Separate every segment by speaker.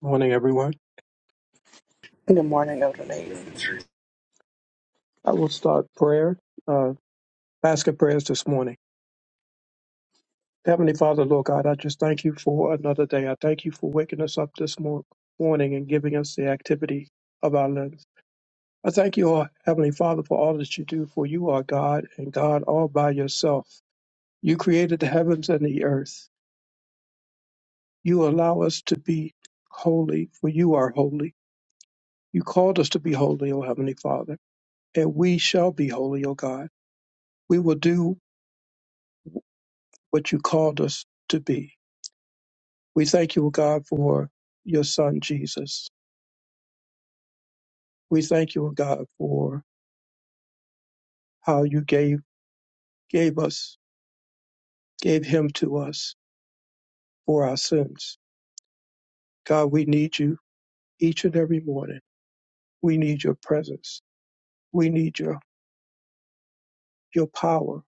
Speaker 1: Morning, everyone.
Speaker 2: In the morning, of the Lady.
Speaker 1: I will start prayer, uh, basket prayers this morning. Heavenly Father, Lord God, I just thank you for another day. I thank you for waking us up this mor- morning and giving us the activity of our limbs. I thank you, oh, Heavenly Father, for all that you do, for you are God and God all by yourself. You created the heavens and the earth. You allow us to be holy, for you are holy. You called us to be holy, O Heavenly Father, and we shall be holy, O God. We will do what you called us to be. We thank you, O God, for your son Jesus. We thank you, O God, for how you gave gave us, gave him to us for our sins. God, we need you each and every morning. We need your presence. We need your your power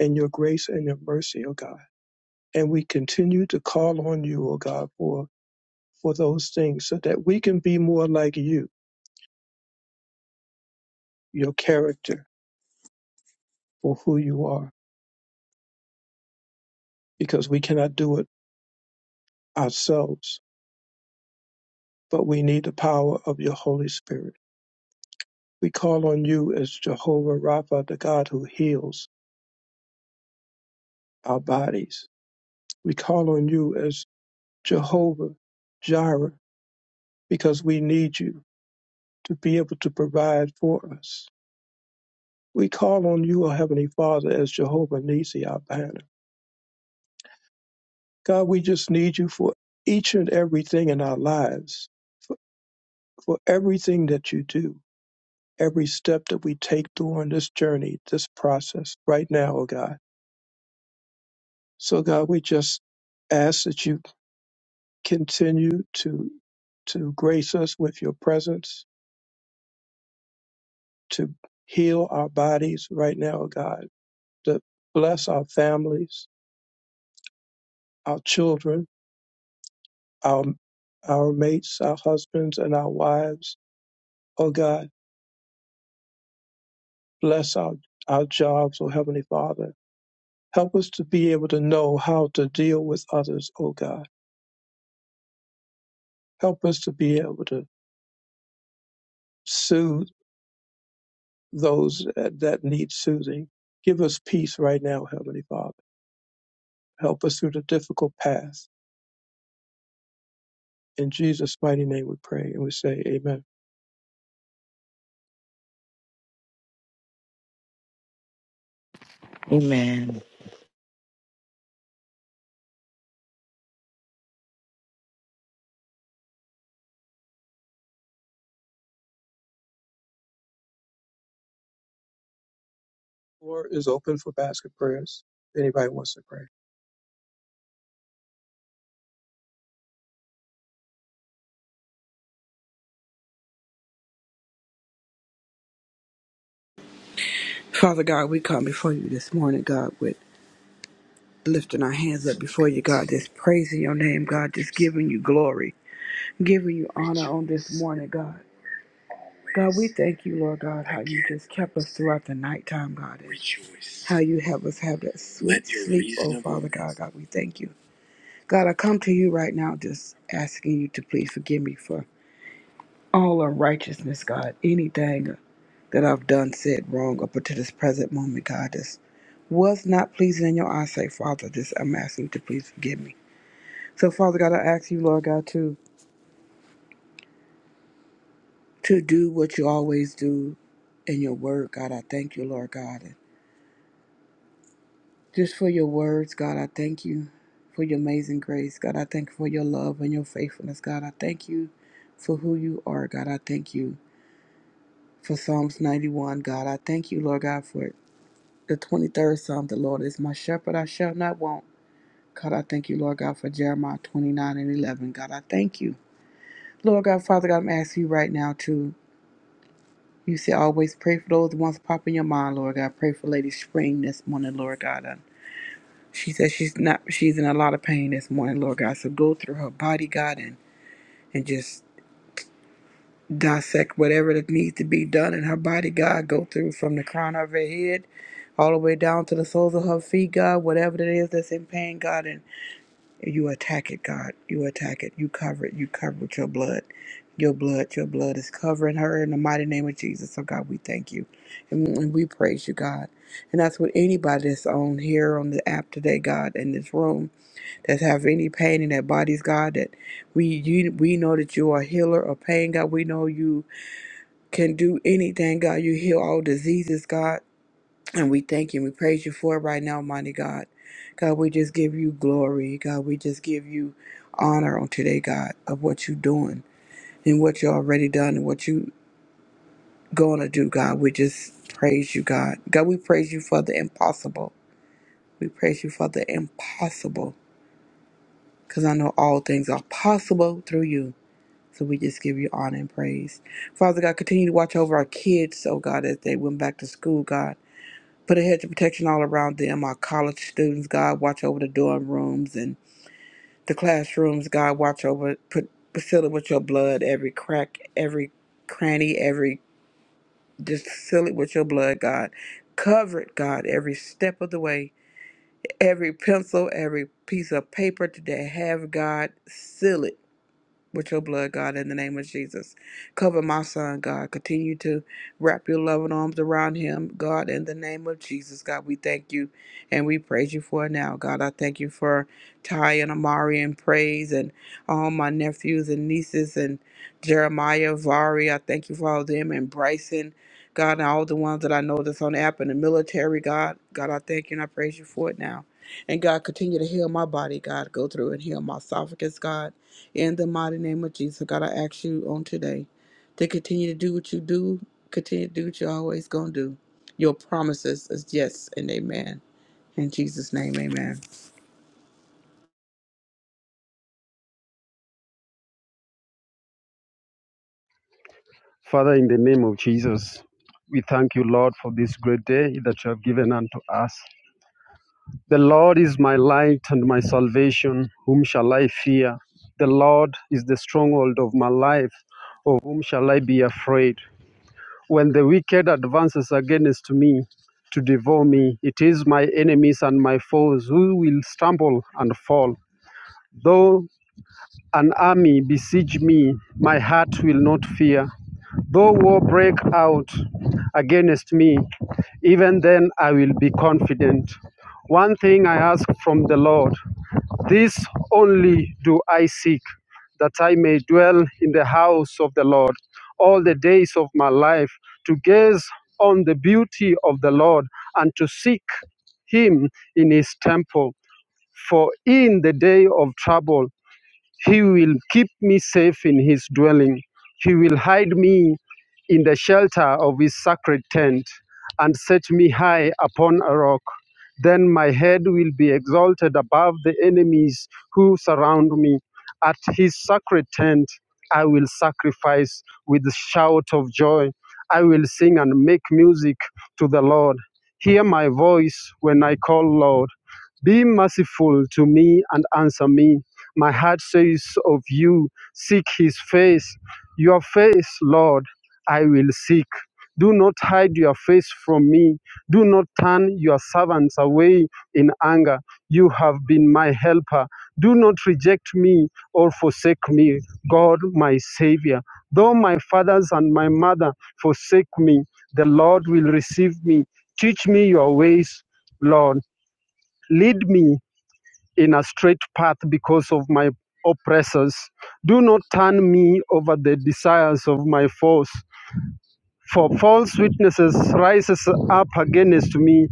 Speaker 1: and your grace and your mercy, O God. And we continue to call on you, O God, for for those things so that we can be more like you, your character for who you are, because we cannot do it ourselves, but we need the power of your Holy Spirit. We call on you as Jehovah Rapha, the God who heals our bodies. We call on you as Jehovah Jireh because we need you to be able to provide for us. We call on you, our Heavenly Father, as Jehovah Nisi, our banner. God, we just need you for each and everything in our lives, for, for everything that you do. every step that we take during this journey, this process right now, oh God. So God, we just ask that you continue to to grace us with your presence, to heal our bodies right now, oh God, to bless our families, our children, our our mates, our husbands and our wives. Oh God, bless our our jobs, oh Heavenly Father. Help us to be able to know how to deal with others, oh God. Help us to be able to soothe those that that need soothing. Give us peace right now, Heavenly Father. Help us through the difficult path. In Jesus' mighty name we pray and we say amen.
Speaker 3: Amen.
Speaker 1: The floor is open for basket prayers. If anybody wants to pray.
Speaker 2: Father God, we come before you this morning, God, with lifting our hands up before you, God, just praising your name, God, just giving you glory, giving you honor on this morning, God. God, we thank you, Lord God, how you just kept us throughout the nighttime, God, and how you have us have that sweet sleep, oh Father God. God, we thank you. God, I come to you right now just asking you to please forgive me for all unrighteousness, God, anything that I've done, said wrong up until this present moment, God. was not pleasing in your eyesight, Father. This I'm asking you to please forgive me. So, Father God, I ask you, Lord God, to to do what you always do in your word, God. I thank you, Lord God. And just for your words, God, I thank you for your amazing grace. God, I thank you for your love and your faithfulness. God, I thank you for who you are. God, I thank you for Psalms 91. God, I thank you, Lord God, for the 23rd Psalm. The Lord is my shepherd, I shall not want. God, I thank you, Lord God, for Jeremiah 29 and 11. God, I thank you. Lord God, Father God, I'm asking you right now to, you say always pray for those ones that pop in your mind, Lord God. Pray for Lady Spring this morning, Lord God. Um, She says she's not, she's in a lot of pain this morning, Lord God. So go through her body, God, and, and just dissect whatever that needs to be done in her body, God. Go through from the crown of her head all the way down to the soles of her feet, God. Whatever it is that's in pain, God, and You attack it, God. You attack it. You cover it. You cover it with your blood. Your blood, your blood is covering her in the mighty name of Jesus. So, God, we thank you and and we praise you, God. And that's what anybody that's on here on the app today, God, in this room that have any pain in their bodies, God, that we you, we know that you are a healer of pain, God. We know you can do anything, God. You heal all diseases, God. And we thank you and we praise you for it right now, mighty God. God, we just give you glory. God, we just give you honor on today, God, of what you're doing and what you already done and what you going to do, God. We just praise you, God. God, we praise you for the impossible. We praise you for the impossible because I know all things are possible through you. So we just give you honor and praise. Father God, continue to watch over our kids, oh God, as they went back to school, God. Put a hedge of protection all around them, our college students, God, watch over the dorm rooms and the classrooms, God, watch over, put, seal it with your blood, every crack, every cranny, every, just seal it with your blood, God. Cover it, God, every step of the way, every pencil, every piece of paper that they have, God, seal it with your blood, God, in the name of Jesus. Cover my son, God. Continue to wrap your loving arms around him, God, in the name of Jesus. God, we thank you and we praise you for it now, God. I thank you for Ty and Amari and praise and all my nephews and nieces and Jeremiah, Vari. I thank you for all of them and Bryson. God, and all the ones that I know that's on the app in the military, God, God, I thank you and I praise you for it now. And God, continue to heal my body, God. Go through and heal my esophagus, God in the mighty name of Jesus, God, I ask you on today to continue to do what you do, continue to do what you're always going to do. Your promises is yes and amen. In Jesus' name, amen.
Speaker 4: Father, in the name of Jesus, we thank you, Lord, for this great day that you have given unto us. The Lord is my light and my salvation. Whom shall I fear? The Lord is the stronghold of my life. Of whom shall I be afraid? When the wicked advances against me to devour me, it is my enemies and my foes who will stumble and fall. Though an army besiege me, my heart will not fear. Though war break out against me, even then I will be confident. One thing I ask from the Lord, this only do I seek, that I may dwell in the house of the Lord all the days of my life, to gaze on the beauty of the Lord and to seek him in his temple. For in the day of trouble, he will keep me safe in his dwelling. He will hide me in the shelter of his sacred tent and set me high upon a rock. Then my head will be exalted above the enemies who surround me. At his sacred tent, I will sacrifice with shout of joy. I will sing and make music to the Lord. Hear my voice when I call, Lord. Be merciful to me and answer me my heart says of you, Seek his face. Your face, Lord, I will seek. Do not hide your face from me. Do not turn your servants away in anger. You have been my helper. Do not reject me or forsake me, God, my Savior. Though my fathers and my mother forsake me, the Lord will receive me. Teach me your ways, Lord. Lead me in a straight path because of my oppressors. Do not turn me over the desires of my foes, for false witnesses rises up against me,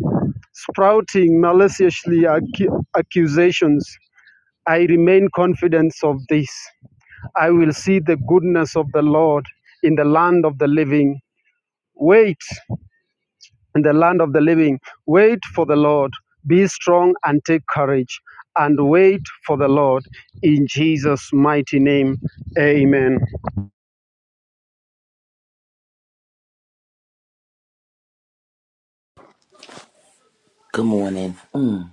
Speaker 4: sprouting maliciously accu- accusations. I remain confident of this. I will see the goodness of the Lord in the land of the living. Wait in the land of the living. Wait for the Lord. Be strong and take courage and wait for the Lord in Jesus' mighty name. Amen.
Speaker 5: Good morning. Mm.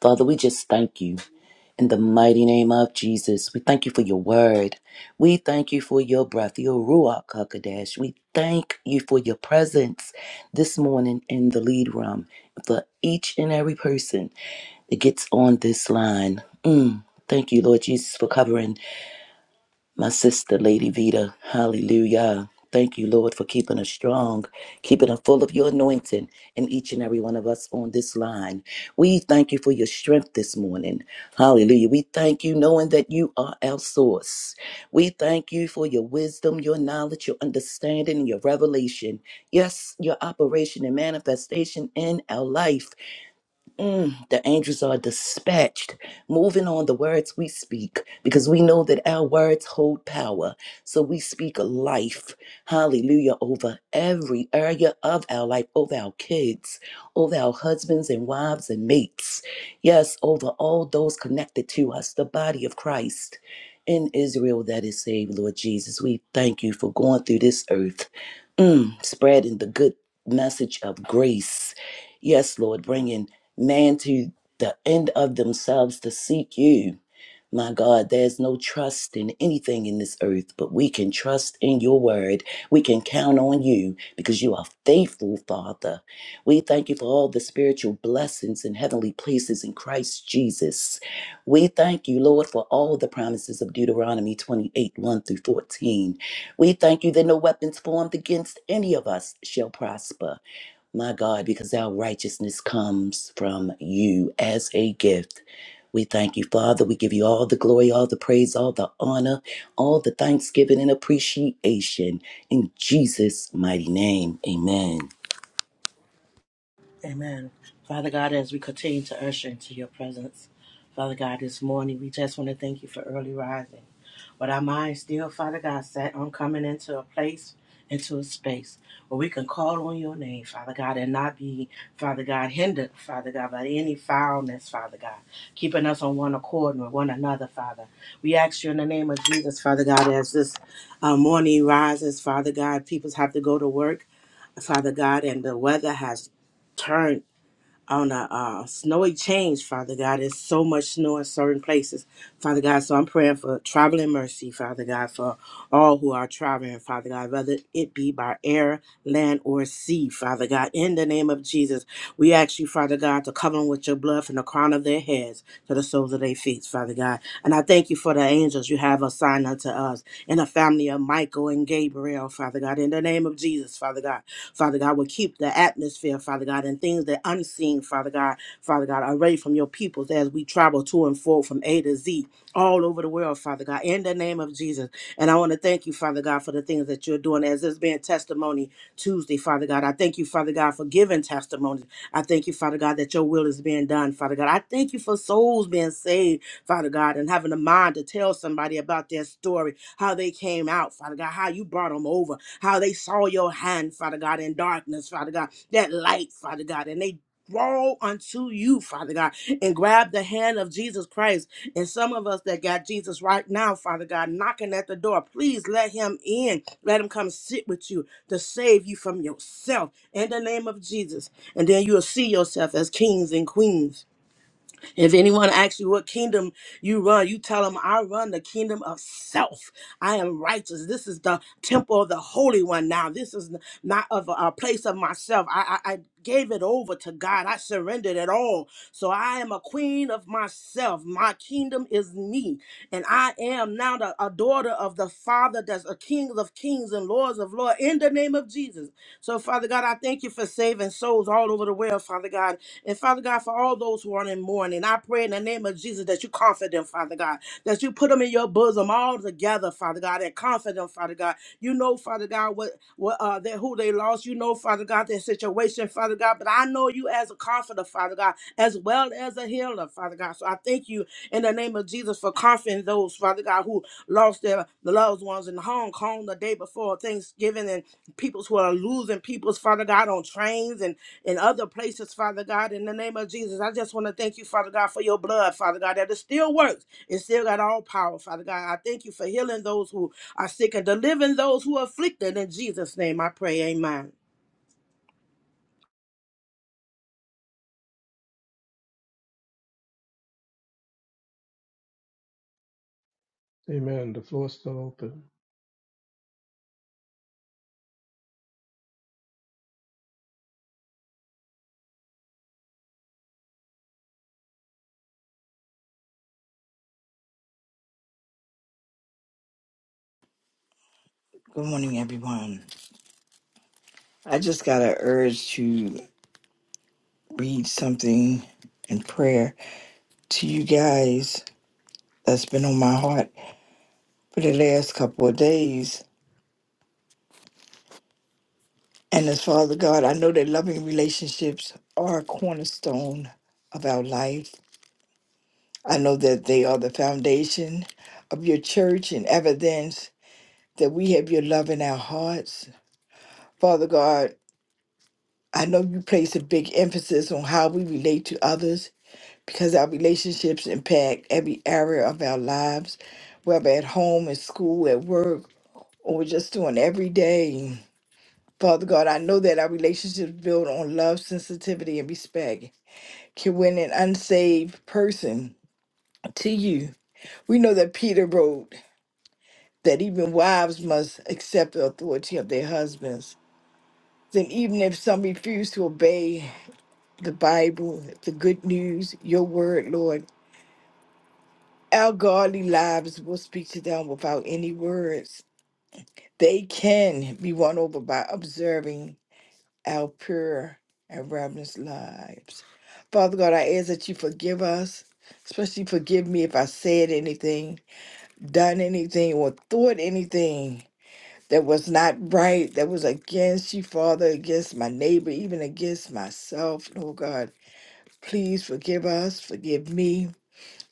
Speaker 5: Father, we just thank you. In the mighty name of Jesus, we thank you for your word. We thank you for your breath, your Ruach HaKodesh. We thank you for your presence this morning in the lead room for each and every person that gets on this line. Mm. Thank you, Lord Jesus, for covering my sister, Lady Vita, hallelujah. Thank you, Lord, for keeping us strong, keeping us full of your anointing in each and every one of us on this line. We thank you for your strength this morning. Hallelujah. We thank you knowing that you are our source. We thank you for your wisdom, your knowledge, your understanding, and your revelation. Yes, your operation and manifestation in our life. Mm, the angels are dispatched, moving on the words we speak, because we know that our words hold power. So we speak life, hallelujah, over every area of our life, over our kids, over our husbands and wives and mates. Yes, over all those connected to us, the body of Christ in Israel that is saved, Lord Jesus. We thank you for going through this earth, mm, spreading the good message of grace. Yes, Lord, bringing man to the end of themselves to seek you. My God, there's no trust in anything in this earth, but we can trust in your word. We can count on you because you are faithful, Father. We thank you for all the spiritual blessings in heavenly places in Christ Jesus. We thank you, Lord, for all the promises of Deuteronomy 28 1 through 14. We thank you that no weapons formed against any of us shall prosper my God, because our righteousness comes from you as a gift. We thank you, Father. We give you all the glory, all the praise, all the honor, all the thanksgiving and appreciation. In Jesus' mighty name, amen.
Speaker 6: Amen. Father God, as we continue to usher into your presence, Father God, this morning, we just want to thank you for early rising. But our minds still, Father God, set on coming into a place, into a space where we can call on your name, Father God, and not be, Father God, hindered, Father God, by any foulness, Father God, keeping us on one accord and with one another, Father. We ask you in the name of Jesus, Father God, as this uh, morning rises, Father God, people have to go to work. Father God, and the weather has turn on a uh, snowy change, Father God. There's so much snow in certain places, Father God. So I'm praying for traveling mercy, Father God, for all who are traveling, Father God, whether it be by air, land, or sea, Father God. In the name of Jesus, we ask you, Father God, to cover them with your blood from the crown of their heads to the soles of their feet, Father God. And I thank you for the angels you have assigned unto us and the family of Michael and Gabriel, Father God. In the name of Jesus, Father God. Father God, will keep the atmosphere, Father God, and things that unseen, Father God, Father God, away from your peoples as we travel to and fro from A to Z all over the world, Father God, in the name of Jesus. And I want to thank you, Father God, for the things that you're doing as it's been testimony Tuesday, Father God. I thank you, Father God, for giving testimony. I thank you, Father God, that your will is being done, Father God. I thank you for souls being saved, Father God, and having a mind to tell somebody about their story how they came out, Father God, how you brought them over, how they saw your hand, Father God, in darkness, Father God, that light, Father God, and they draw unto you, Father God, and grab the hand of Jesus Christ. And some of us that got Jesus right now, Father God, knocking at the door, please let him in. Let him come sit with you to save you from yourself in the name of Jesus. And then you'll see yourself as kings and queens if anyone asks you what kingdom you run, you tell them, I run the kingdom of self. I am righteous. This is the temple of the Holy One now. This is not of a a place of myself. I, I, I gave it over to God. I surrendered it all. So I am a queen of myself. My kingdom is me. And I am now the, a daughter of the Father that's a king of kings and lords of lords in the name of Jesus. So, Father God, I thank you for saving souls all over the world, Father God. And Father God, for all those who are in mourning, I pray in the name of Jesus that you comfort them, Father God, that you put them in your bosom all together, Father God, and comfort them, Father God. You know, Father God, what what uh that who they lost. You know, Father God, their situation, Father God. But I know you as a comforter, Father God, as well as a healer, Father God. So I thank you in the name of Jesus for comforting those, Father God, who lost their loved ones in Hong Kong the day before Thanksgiving and peoples who are losing peoples, Father God, on trains and in other places, Father God, in the name of Jesus. I just want to thank you, Father God, for your blood, Father God, that it still works. It still got all power, Father God. I thank you for healing those who are sick and delivering those who are afflicted. In Jesus' name I pray, amen.
Speaker 1: Amen. The floor is still open.
Speaker 3: Good morning, everyone. I just got an urge to read something in prayer to you guys that's been on my heart for the last couple of days. And as Father God, I know that loving relationships are a cornerstone of our life. I know that they are the foundation of your church and evidence that we have your love in our hearts. Father God, I know you place a big emphasis on how we relate to others because our relationships impact every area of our lives, whether at home, at school, at work, or just doing every day. Father God, I know that our relationships build on love, sensitivity, and respect can win an unsaved person to you. We know that Peter wrote that even wives must accept the authority of their husbands. Then, even if some refuse to obey the Bible, the good news, your word, Lord, Our godly lives will speak to them without any words. They can be won over by observing our pure and reverent lives. Father God, I ask that you forgive us, especially forgive me if I said anything, done anything, or thought anything that was not right, that was against you, Father, against my neighbor, even against myself, Lord God. Please forgive us, forgive me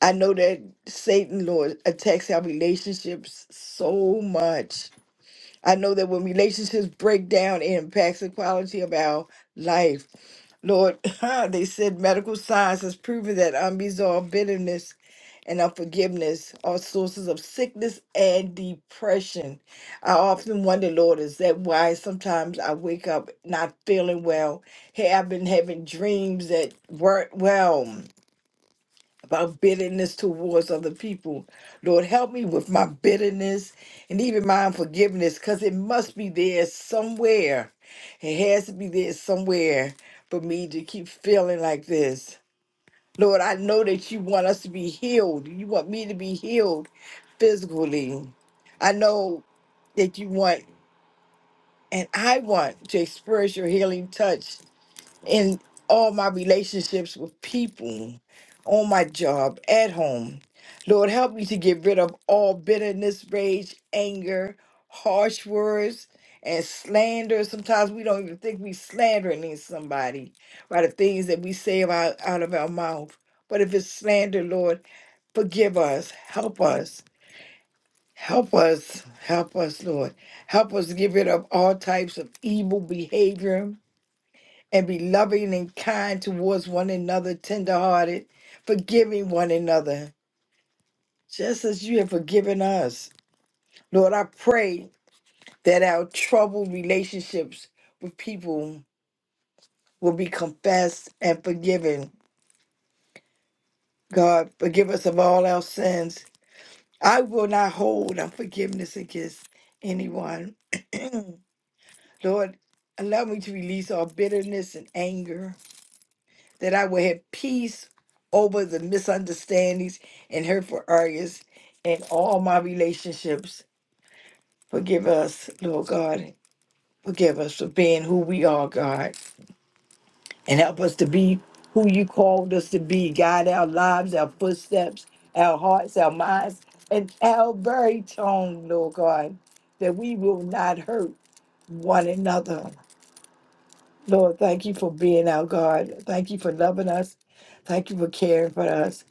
Speaker 3: I know that Satan, Lord, attacks our relationships so much. I know that when relationships break down, it impacts the quality of our life. Lord, they said medical science has proven that unresolved bitterness and unforgiveness are sources of sickness and depression. I often wonder, Lord, is that why sometimes I wake up not feeling well? Hey, I've been having dreams that weren't well about bitterness towards other people. Lord, help me with my bitterness and even my unforgiveness because it must be there somewhere. It has to be there somewhere for me to keep feeling like this. Lord, I know that you want us to be healed. You want me to be healed physically. I know that you want, and I want to express your healing touch in all my relationships with people, on my job, at home. Lord, help me to get rid of all bitterness, rage, anger, harsh words, and slander. Sometimes we don't even think we're slandering somebody by the things that we say about, out of our mouth. But if it's slander, Lord, forgive us, help us. Help us, help us, Lord. Help us to get rid of all types of evil behavior and be loving and kind towards one another, tenderhearted, forgiving one another, just as you have forgiven us. Lord, I pray that our troubled relationships with people will be confessed and forgiven. God, forgive us of all our sins. I will not hold unforgiveness against anyone. Lord, allow me to release all bitterness and anger that I will have peace over the misunderstandings and hurtful arguments in all my relationships. Forgive us, Lord God. Forgive us for being who we are, God, and help us to be who you called us to be. Guide our lives, our footsteps, our hearts, our minds, and our very tone, Lord God, that we will not hurt one another Lord, thank you for being our God. Thank you for loving us. Thank you for caring for us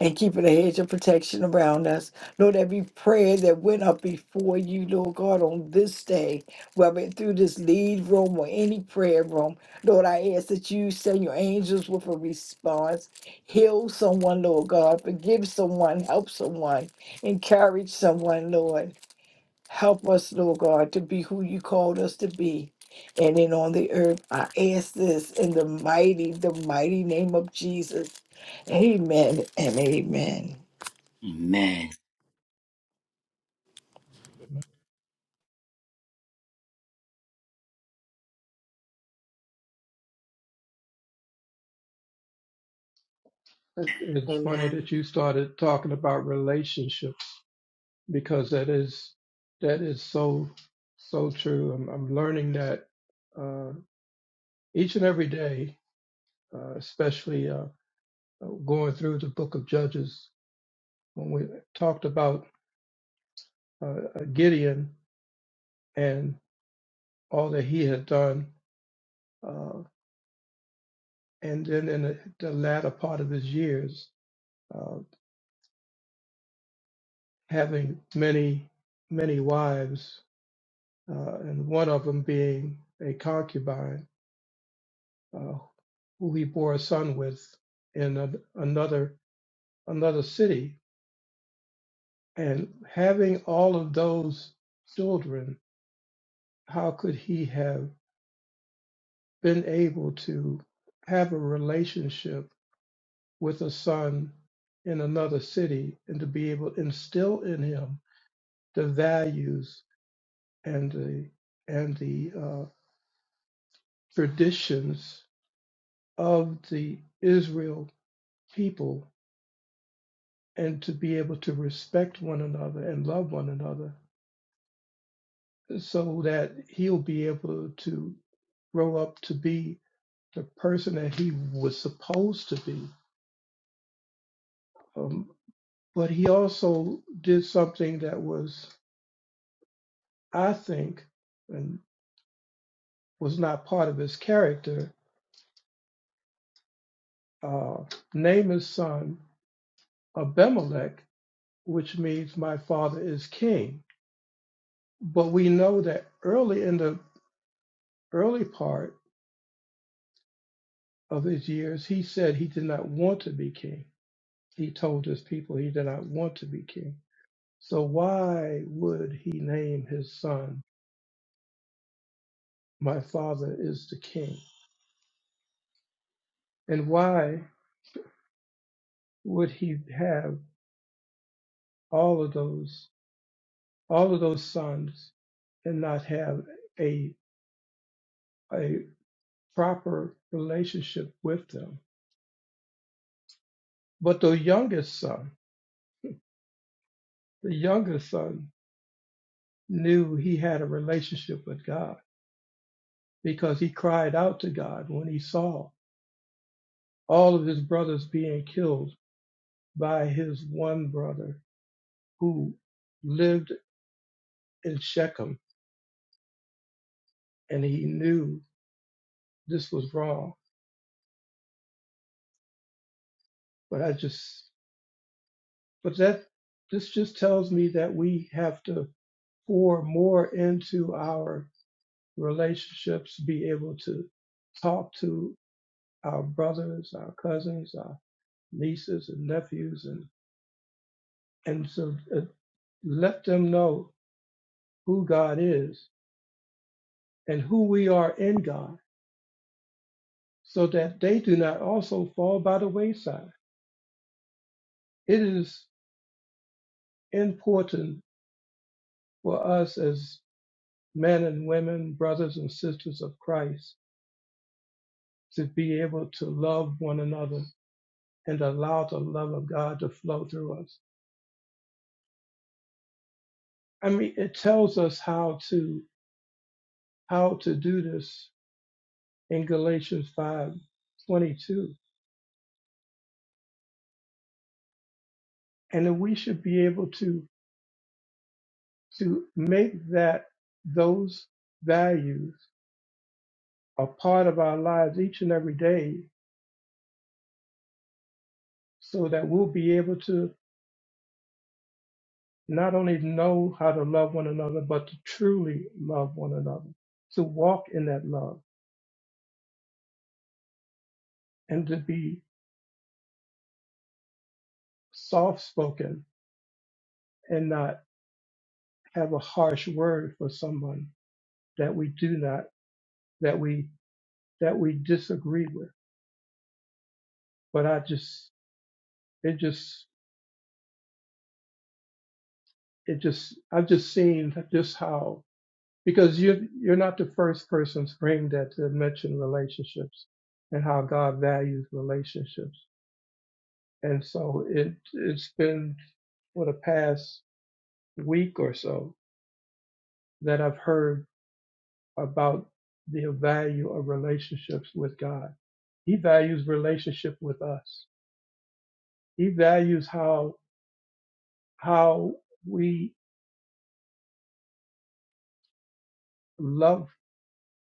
Speaker 3: and keeping a hedge of protection around us. Lord, every prayer that went up before you, Lord God, on this day, whether it through this lead room or any prayer room, Lord, I ask that you send your angels with a response. Heal someone, Lord God. Forgive someone. Help someone. Encourage someone, Lord. Help us, Lord God, to be who you called us to be. And in on the earth, I ask this in the mighty, the mighty name of Jesus. Amen and amen.
Speaker 5: Amen.
Speaker 1: Amen. It- It's funny
Speaker 6: Amen.
Speaker 1: that you started talking about relationships. because that is that is so so true. I'm, I'm learning that uh, each and every day, uh, especially uh, going through the Book of Judges when we talked about uh, Gideon and all that he had done, uh, and then in the, the latter part of his years, uh, having many many wives, uh, and one of them being a concubine uh, who he bore a son with in a, another another city. And having all of those children, how could he have been able to have a relationship with a son in another city and to be able to instill in him the values and the and the uh, traditions of the Israel people and to be able to respect one another and love one another so that he'll be able to grow up to be the person that he was supposed to be. Um, but he also did something that was, I think, and was not part of his character. Uh, name his son Abimelech, which means my father is king. But we know that early in the early part, of his years, he said he did not want to be king. He told his people he did not want to be king. So why would he name his son, My Father is the King? And why would he have all of those all of those sons and not have a a proper relationship with them? But the youngest son, the youngest son knew he had a relationship with God because he cried out to God when he saw all of his brothers being killed by his one brother who lived in Shechem and he knew this was wrong. But I just, but that, this just tells me that we have to pour more into our relationships, be able to talk to our brothers, our cousins, our nieces and nephews, and, and so uh, let them know who God is and who we are in God so that they do not also fall by the wayside. It is important for us as men and women, brothers and sisters of Christ, to be able to love one another and allow the love of God to flow through us. I mean, it tells us how to how to do this in Galatians 5 22, And that we should be able to to make that those values a part of our lives each and every day so that we'll be able to not only know how to love one another, but to truly love one another, to walk in that love and to be soft spoken and not have a harsh word for someone that we do not, that we, that we disagree with. But I just, it just, it just, I've just seen just how, because you're, you're not the first person to bring that to mention relationships and how God values relationships And so it it's been for the past week or so that I've heard about the value of relationships with God. He values relationship with us. He values how how we love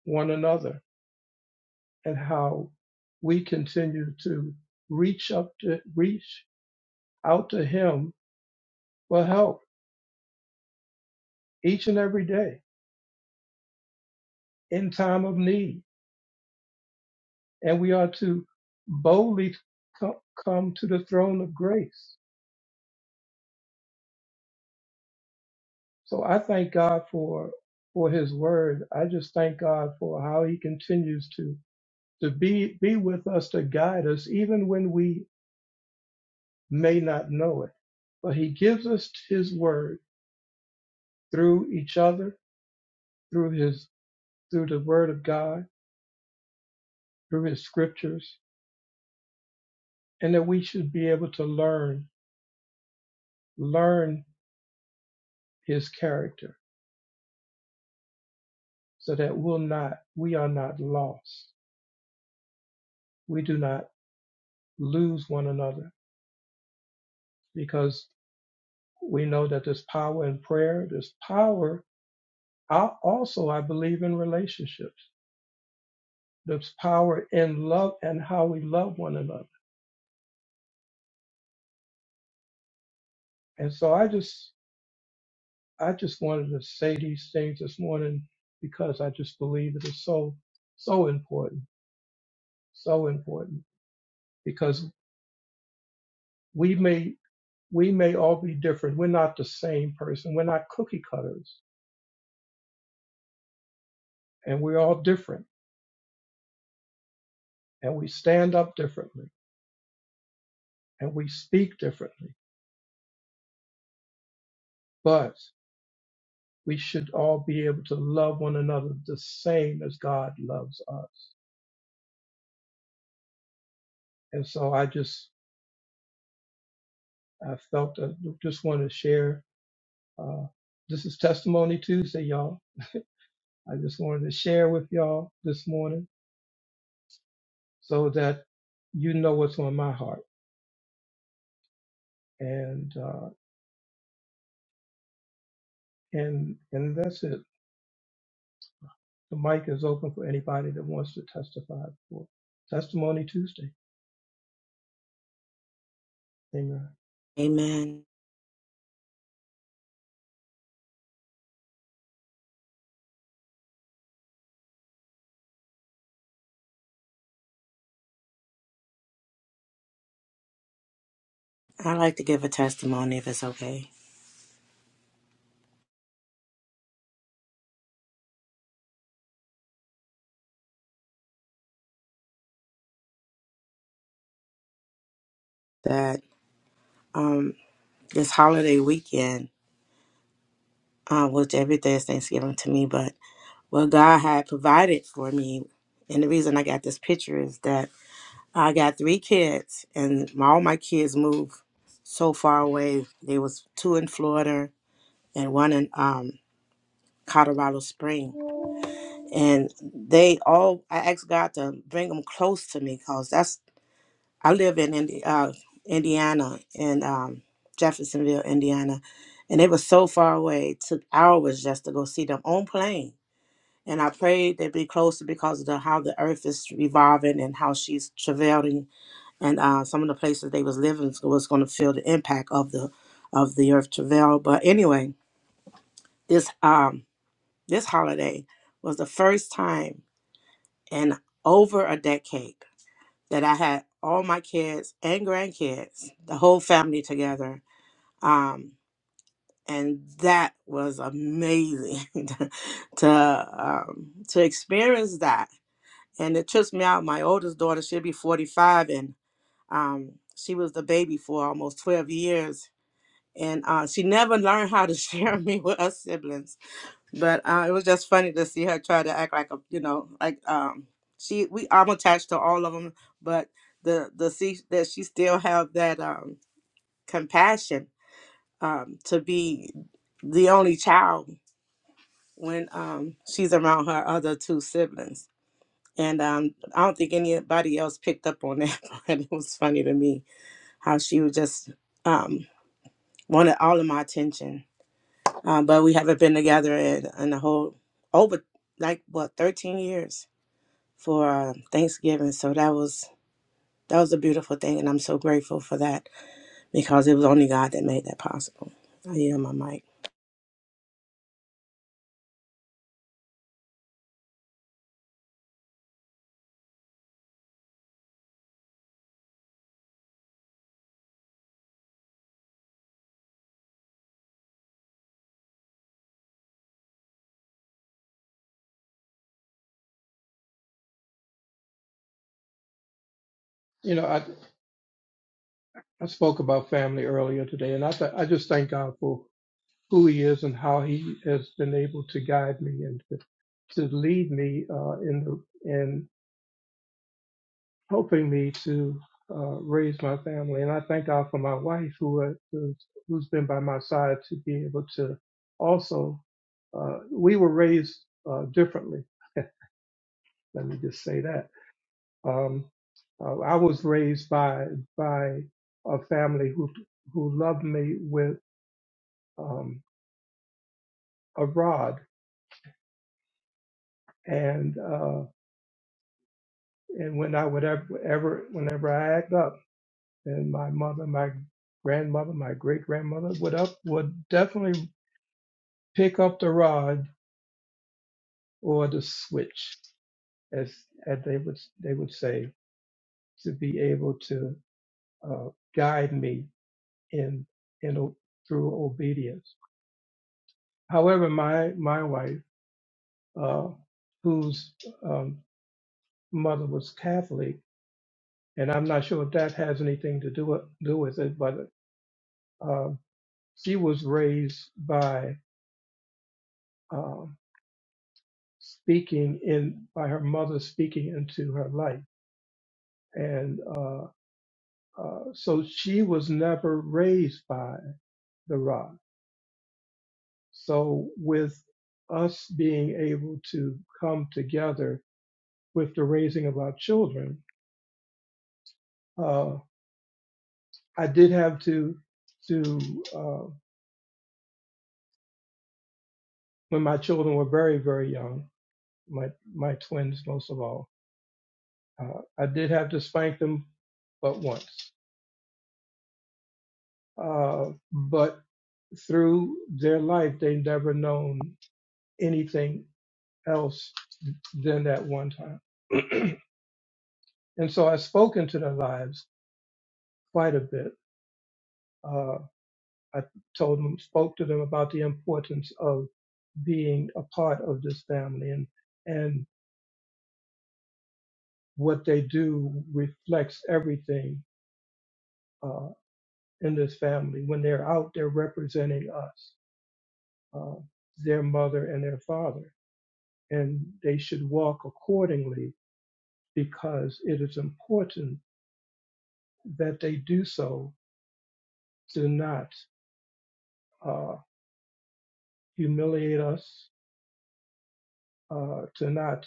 Speaker 1: one another and how we continue to reach up to reach out to him for help each and every day in time of need and we are to boldly co- come to the throne of grace. So I thank God for for His Word. I just thank God for how He continues to to be be with us to guide us, even when we may not know it. But He gives us His Word through each other, through His through the Word of God, through His Scriptures, and that we should be able to learn learn His character, so that we'll not we are not lost. we do not lose one another because we know that there's power in prayer, there's power. I also I believe in relationships. There's power in love and how we love one another. And so I just I just wanted to say these things this morning because I just believe it is so so important, so important because we may we may all be different. We're not the same person. We're not cookie cutters and we're all different and we stand up differently and we speak differently, but we should all be able to love one another the same as God loves us. And so I just I felt that just wanted to share. Uh, this is Testimony Tuesday, y'all. I just wanted to share with y'all this morning so that you know what's on my heart. And uh, and and that's it. The mic is open for anybody that wants to testify for Testimony Tuesday. Amen.
Speaker 6: Amen. I like to give a testimony if it's okay. That um this holiday weekend, uh, which every day is Thanksgiving to me, but what God had provided for me. And the reason I got this picture is that I got three kids, and my, all my kids moved so far away. There was two in Florida and one in um, Colorado Spring, and they all. I asked God to bring them close to me because that's I live in Indi- uh, Indiana in um, Jeffersonville, Indiana, and they were so far away. It took hours just to go see them on plane And I pray they be closer because of the, how the earth is revolving and how she's travailing, and uh, some of the places they was living was going to feel the impact of the of the earth travail. But anyway, this um this holiday was the first time in over a decade that I had all my kids and grandkids, the whole family together. Um, and that was amazing to um, to experience that and it trips me out. My oldest daughter, she'll be 45, and um, she was the baby for almost 12 years. And uh, she never learned how to share me with her siblings. But uh, it was just funny to see her try to act like a, you know, like um, she, we, I'm attached to all of them, but the, the see that she still have that um, compassion um, to be the only child when um, she's around her other two siblings And um, I don't think anybody else picked up on that, but it was funny to me how she was just um, wanted all of my attention. Um, but we haven't been together in, in a whole over like what 13 years for uh, Thanksgiving. So that was that was a beautiful thing, and I'm so grateful for that because it was only God that made that possible. I hear my mic.
Speaker 1: You know, I. I spoke about family earlier today, and I th- I just thank God for who He is and how He has been able to guide me and to, to lead me uh, in the in helping me to uh, raise my family. And I thank God for my wife who uh, who's, who's been by my side to be able to also. Uh, we were raised uh, differently. Let me just say that. Um, uh, I was raised by by a family who who loved me with. Um, a rod, and uh, and when I would ever, ever whenever I act up, and my mother, my grandmother, my great grandmother would up would definitely pick up the rod or the switch, as as they would they would say, to be able to uh, guide me in in o- through obedience. However, my my wife, uh, whose um, mother was Catholic, and I'm not sure if that has anything to do with, do with it, but Uh, she was raised by uh, speaking in by her mother speaking into her life, and uh, uh, so she was never raised by the rod. So with us being able to come together with the raising of our children, uh, I did have to to uh, when my children were very very young, my my twins most of all, uh, I did have to spank them but once. Uh, but through their life, they've never known anything else than that one time. and so I've spoken to their lives quite a bit. Uh, I told them, spoke to them about the importance of being a part of this family, and and what they do reflects everything uh, in this family. When they're out, they're representing us, uh, their mother and their father, and they should walk accordingly because it is important that they do so to not uh, humiliate us, uh, to not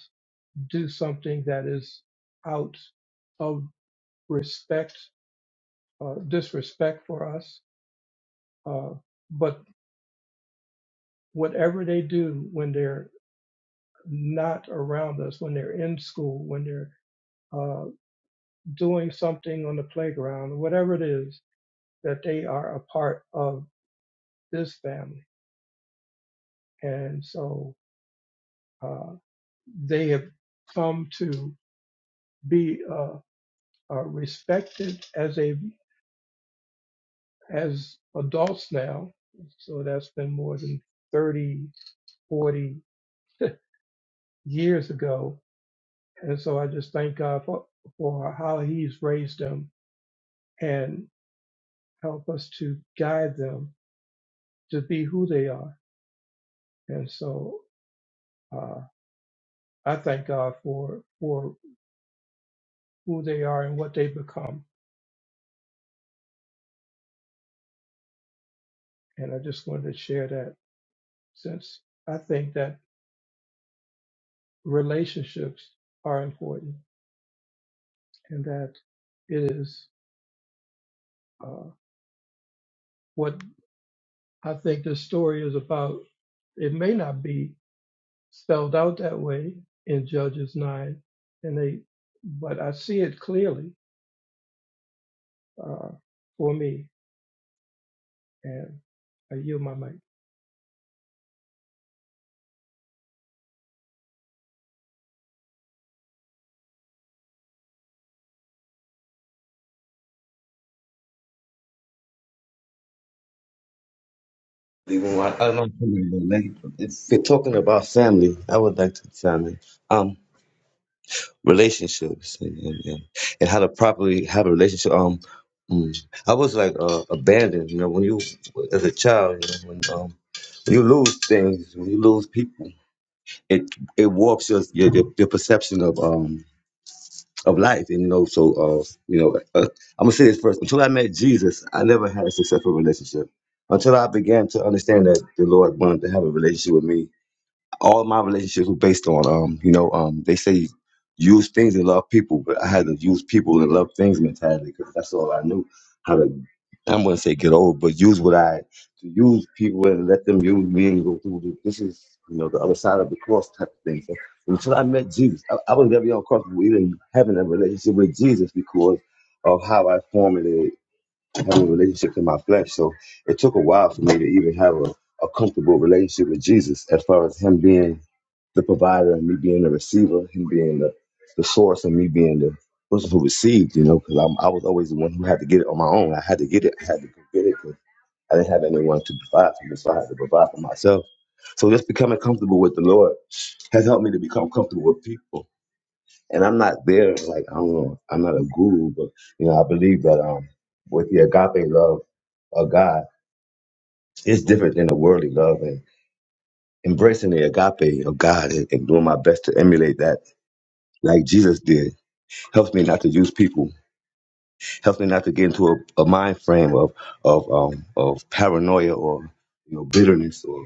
Speaker 1: do something that is out of respect, uh, disrespect for us. Uh, but whatever they do when they're not around us, when they're in school, when they're uh, doing something on the playground, whatever it is, that they are a part of this family. And so, uh, they have come to be uh, uh, respected as a as adults now. So that's been more than 30, 40 years ago. And so I just thank God for, for how he's raised them and help us to guide them to be who they are. And so uh, I thank God for for who they are and what they become. And I just wanted to share that since I think that relationships are important and that it is uh, what I think this story is about. It may not be spelled out that way in Judges 9 and 8, but I see it clearly uh, for me. And I yield my mic.
Speaker 7: Even I, I don't know, if we're talking about family, I would like to family, um, relationships, and, and, and, and how to properly have a relationship. Um, mm, I was like uh, abandoned, you know, when you as a child, you know, when um, when you lose things, when you lose people, it it warps your your, your, your perception of um of life, and you know, so uh, you know, uh, I'm gonna say this first. Until I met Jesus, I never had a successful relationship. Until I began to understand that the Lord wanted to have a relationship with me all my relationships were based on um, you know, um, they say use things and love people, but I had to use people and love things mentality because that's all I knew how to. I'm gonna say get over, but use what I to use people and let them use me and go through. The, this is you know the other side of the cross type of thing. So until I met Jesus, I, I was very uncomfortable even having a relationship with Jesus because of how I formulated having a relationship to my flesh. So it took a while for me to even have a, a comfortable relationship with Jesus as far as him being the provider and me being the receiver, him being the, the source and me being the person who received, you know, because I was always the one who had to get it on my own. I had to get it, I had to go get it 'cause I didn't have anyone to provide for me, so I had to provide for myself. So just becoming comfortable with the Lord has helped me to become comfortable with people. And I'm not there, like, I don't know, I'm not a guru, but, you know, I believe that um, with the agape love of God, it's different than the worldly love. And embracing the agape of God and, and doing my best to emulate that like Jesus did. Helps me not to use people. Helps me not to get into a, a mind frame of of um, of paranoia or you know bitterness or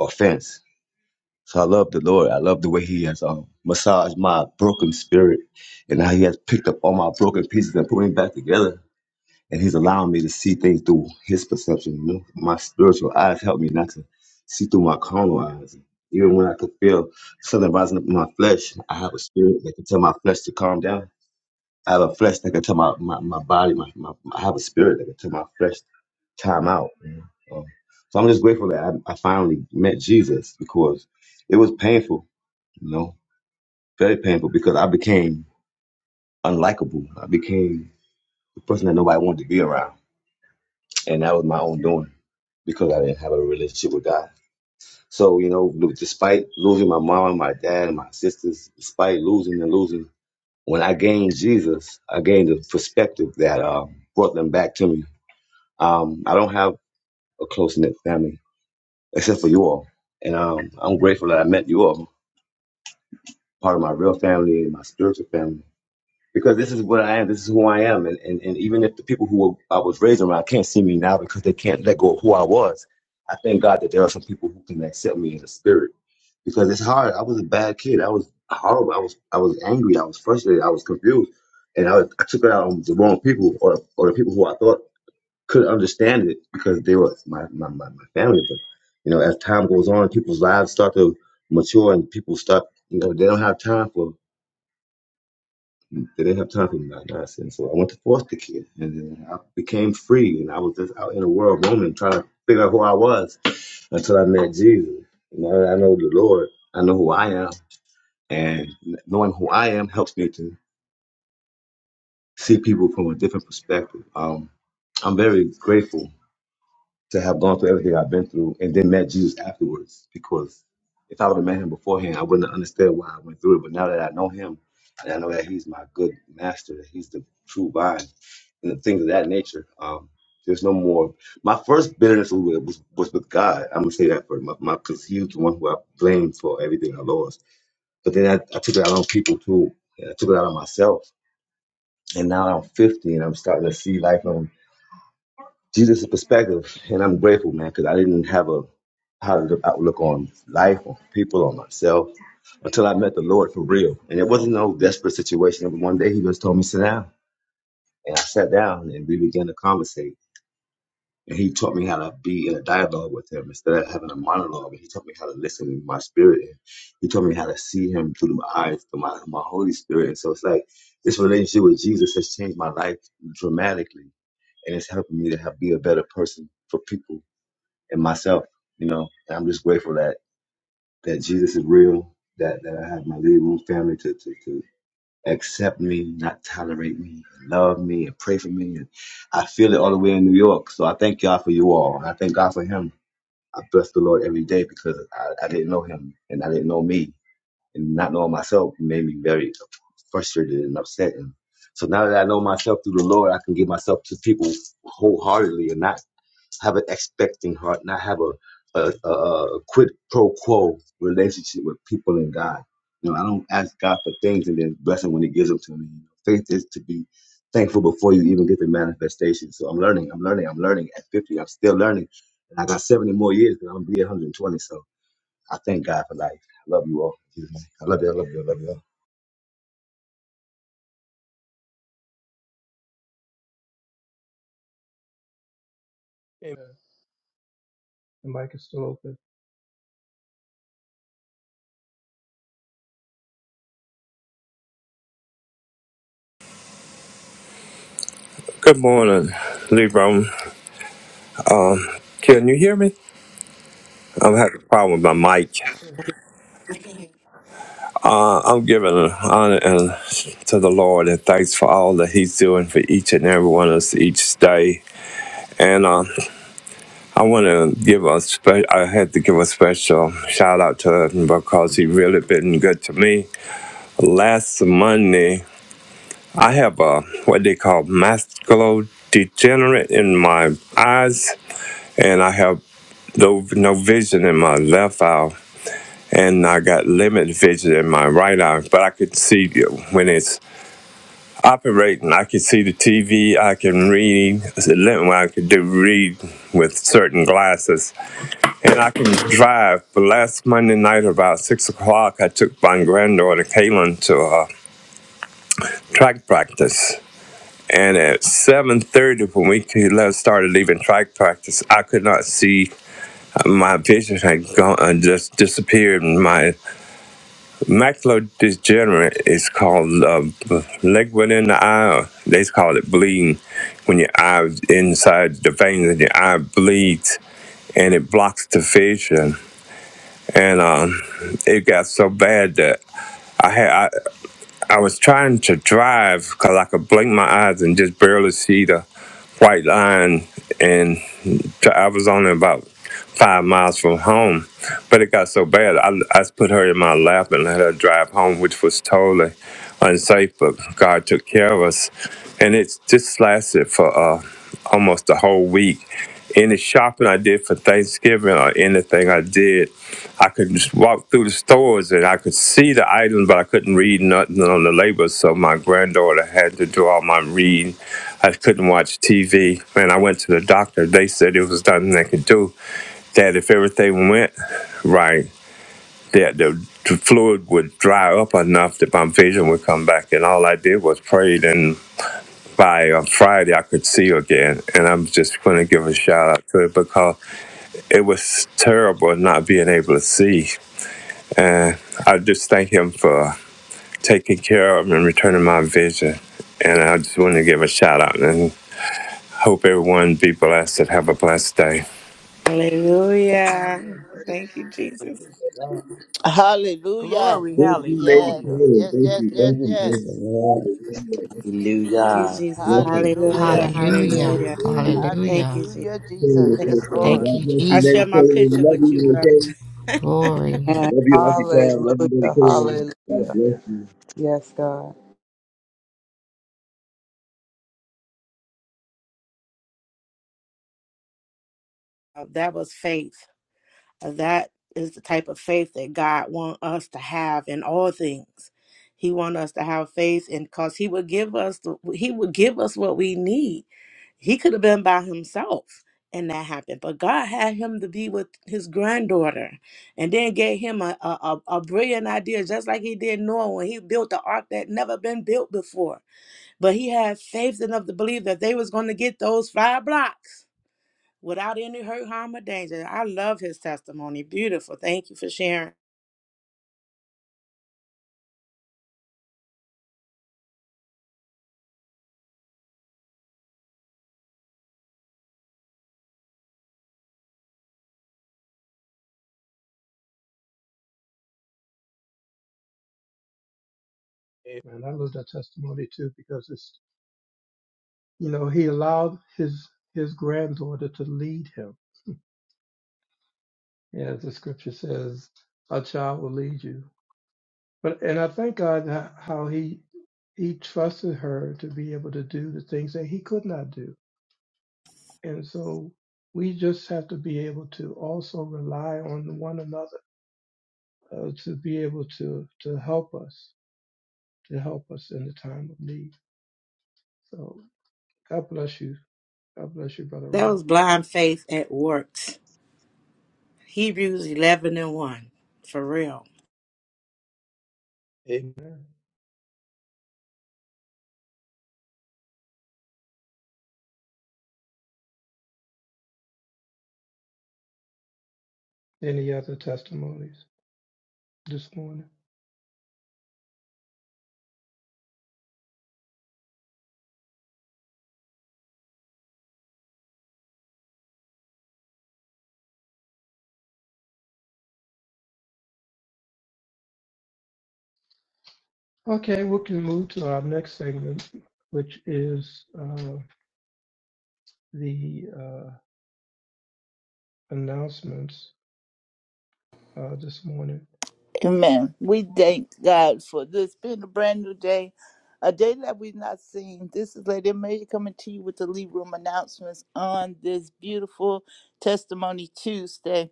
Speaker 7: offense. So I love the Lord. I love the way He has um, massaged my broken spirit, and how He has picked up all my broken pieces and put me back together. And He's allowing me to see things through His perception. You know? My spiritual eyes help me not to see through my carnal eyes. Even when I could feel something rising up in my flesh, I have a spirit that can tell my flesh to calm down I have a flesh that can tell my, my, my body, my, my, I have a spirit that can tell my flesh time out. you know. Um, so I'm just grateful that I, I finally met Jesus because it was painful, you know, very painful because I became unlikable. I became the person that nobody wanted to be around. And that was my own doing because I didn't have a relationship with God. So, you know, despite losing my mom and my dad and my sisters, despite losing and losing, when I gained Jesus, I gained a perspective that uh, brought them back to me Um, I don't have a close knit family except for you all, and um, I'm grateful that I met you all, part of my real family and my spiritual family, because this is what I am. This is who I am, and and, and even if the people who I was raised around can't see me now because they can't let go of who I was, I thank God that there are some people who can accept me as a spirit because it's hard. I was a bad kid. I was horrible. I was I was angry. I was frustrated. I was confused, and I, I took it out on the wrong people or or the people who I thought could understand it because they were my, my, my, my family. But you know, as time goes on, people's lives start to mature, and people start you know they don't have time for they didn't have time for that nonsense. So I went to foster care, and then I became free, and I was just out in the world roaming, trying to figure out who I was until I met Jesus. And Now that I know the Lord, I know who I am, and knowing who I am helps me to see people from a different perspective. Um, I'm very grateful to have gone through everything I've been through and then met Jesus afterwards because if I would have met him beforehand, I wouldn't have understood why I went through it. But now that I know him and I know that he's my good master, that he's the true vine and the things of that nature, um, there's no more. My first bitterness was, was, was with God. I'm going to say that for my, my, cause he was the one who I blamed for everything I lost. But then I, I took it out on people too. and I took it out on myself. And now I'm 50 and I'm starting to see life on Jesus' perspective. And I'm grateful, man, because I didn't have a positive outlook on life, on people, on myself, until I met the Lord for real. And it wasn't no desperate situation. And One day he just told me, sit down. And I sat down and we began to conversate. And he taught me how to be in a dialogue with him instead of having a monologue. And he taught me how to listen in my spirit. And he taught me how to see him through my eyes, through my, my Holy Spirit. And so it's like this relationship with Jesus has changed my life dramatically. And it's helping me to have, be a better person for people and myself, you know. And I'm just grateful that that Jesus is real, that, that I have my living room family to, to, to accept me, not tolerate me, love me, and pray for me. And I feel it all the way in New York. So I thank God for you all. And I thank God for him. I bless the Lord every day because I, I didn't know him and I didn't know me and not knowing myself it made me very frustrated and upset. And so now that I know myself through the Lord, I can give myself to people wholeheartedly and not have an expecting heart, not have a a, a, a quid pro quo relationship with people and God. You know, I don't ask God for things and then bless Him when He gives them to me. Faith is to be thankful before you even get the manifestation. So I'm learning, I'm learning, I'm learning. At 50, I'm still learning, and I got 70 more years because I'm gonna be 120. So I thank God for life. I love you all. In Jesus' name. I love you. I love you. I love you all.
Speaker 1: Amen. The mic is still open.
Speaker 8: Good morning, Lebron. Can you hear me? I'm having a problem with my mic.
Speaker 1: Yes, sir.
Speaker 8: Uh, I'm giving honor and to the Lord and thanks for all that He's doing for each and every one of us each day. And uh, I want to give a spe- I had to give a special shout out to him because he really been good to me. Last Monday, I have a what they call macular degenerate in my eyes, and I have no no vision in my left eye. and I got limited vision in my right eye, but I could see when it's operating. I could see the TV. I can read. I could do read with certain glasses, and I can drive. But last Monday night, about six o'clock, I took my granddaughter Kaylin to uh, track practice. And at 7.30, when we started leaving track practice, I could not see. uh, My vision had gone, uh, just disappeared. My Macular degenerate is called uh, b- leg within the eye. Or They call it bleeding. When your eye inside the veins in your eye bleeds and it blocks the vision. And um, it got so bad that I had. I, I was trying to drive because I could blink my eyes and just barely see the white line. And I was only about five miles from home, but it got so bad. I, I put her in my lap and let her drive home, which was totally unsafe, but God took care of us. And it just lasted for uh, almost a whole week. Any shopping I did for Thanksgiving or anything I did, I could just walk through the stores and I could see the items, but I couldn't read nothing on the label. So my granddaughter had to do all my reading. I couldn't watch TV. And I went to the doctor. They said it was nothing they could do. That if everything went right, that the, the fluid would dry up enough that my vision would come back. And all I did was prayed. And by uh, Friday, I could see again. And I'm just going to give a shout out to it because it was terrible not being able to see. And I just thank him for taking care of and returning my vision. And I just want to give a shout out and hope everyone be blessed and have a blessed day.
Speaker 6: Hallelujah!
Speaker 1: Amen.
Speaker 6: Thank you, Jesus.
Speaker 1: Praise God.
Speaker 9: Hallelujah.
Speaker 1: Amen.
Speaker 10: Glory.
Speaker 7: Thank you, Lady
Speaker 9: Yes,
Speaker 10: Hallelujah.
Speaker 7: Karen.
Speaker 9: yes,
Speaker 7: Thank
Speaker 9: yes,
Speaker 7: you.
Speaker 9: yes,
Speaker 7: Thank
Speaker 11: Hallelujah,
Speaker 7: you.
Speaker 11: praise the
Speaker 9: yes.
Speaker 7: Karen.
Speaker 11: Lord.
Speaker 7: Hallelujah. That's a
Speaker 6: Thank you,
Speaker 5: Hallelujah.
Speaker 6: Jesus.
Speaker 9: Hallelujah.
Speaker 6: Hallelujah!
Speaker 12: Hallelujah.
Speaker 6: Hallelujah!
Speaker 7: Hallelujah.
Speaker 6: Thank
Speaker 12: Hallelujah.
Speaker 6: you, Jesus.
Speaker 9: Hallelujah,
Speaker 7: Karen
Speaker 9: Jesus.
Speaker 7: is so
Speaker 9: Yes,
Speaker 7: strong.
Speaker 9: Lord.
Speaker 12: Thank
Speaker 7: God
Speaker 12: you,
Speaker 7: bless you,
Speaker 6: I share
Speaker 12: Jesus.
Speaker 7: Lady
Speaker 6: my
Speaker 7: Karen. We
Speaker 6: picture
Speaker 7: love
Speaker 6: with
Speaker 7: you,
Speaker 6: you,
Speaker 7: Lady
Speaker 6: brother.
Speaker 7: Karen.
Speaker 12: Glory.
Speaker 2: And
Speaker 7: Love you, Auntie Pam. Love
Speaker 2: hallelujah,
Speaker 7: you, Lady Karen. God
Speaker 2: hallelujah.
Speaker 7: bless you.
Speaker 2: Yes, God.
Speaker 6: Uh, that was faith. Uh, That is the type of faith that God wants us to have in all things. He wants us to have faith, and because He would give us, the, He would give us what we need. He could have been by himself, and that happened. But God had him to be with his granddaughter, and then gave him a a, a a brilliant idea, just like He did Noah when He built the ark that never been built before But he had faith enough to believe that they was going to get those five blocks without any hurt, harm, or danger. I love his testimony. Beautiful. Thank you for sharing.
Speaker 1: I love that testimony too because it's you know he allowed his his granddaughter to lead him Yeah, as the scripture says a child will lead you but and i thank god ho- how he he trusted her to be able to do the things that he could not do and so we just have to be able to also rely on one another uh, to be able to to help us to help us in the time of need so god bless you god bless you brother
Speaker 6: That
Speaker 1: ronald
Speaker 6: was blind faith at works. Hebrews 11 and 1. For real.
Speaker 1: Amen. any other testimonies this morning Okay, we can move to our next segment, which is uh, the uh, announcements uh, this morning.
Speaker 9: Amen. We thank God for this being a brand new day, a day that we've not seen. This is Lady Mary coming to you with the Lead Room announcements on this beautiful Testimony Tuesday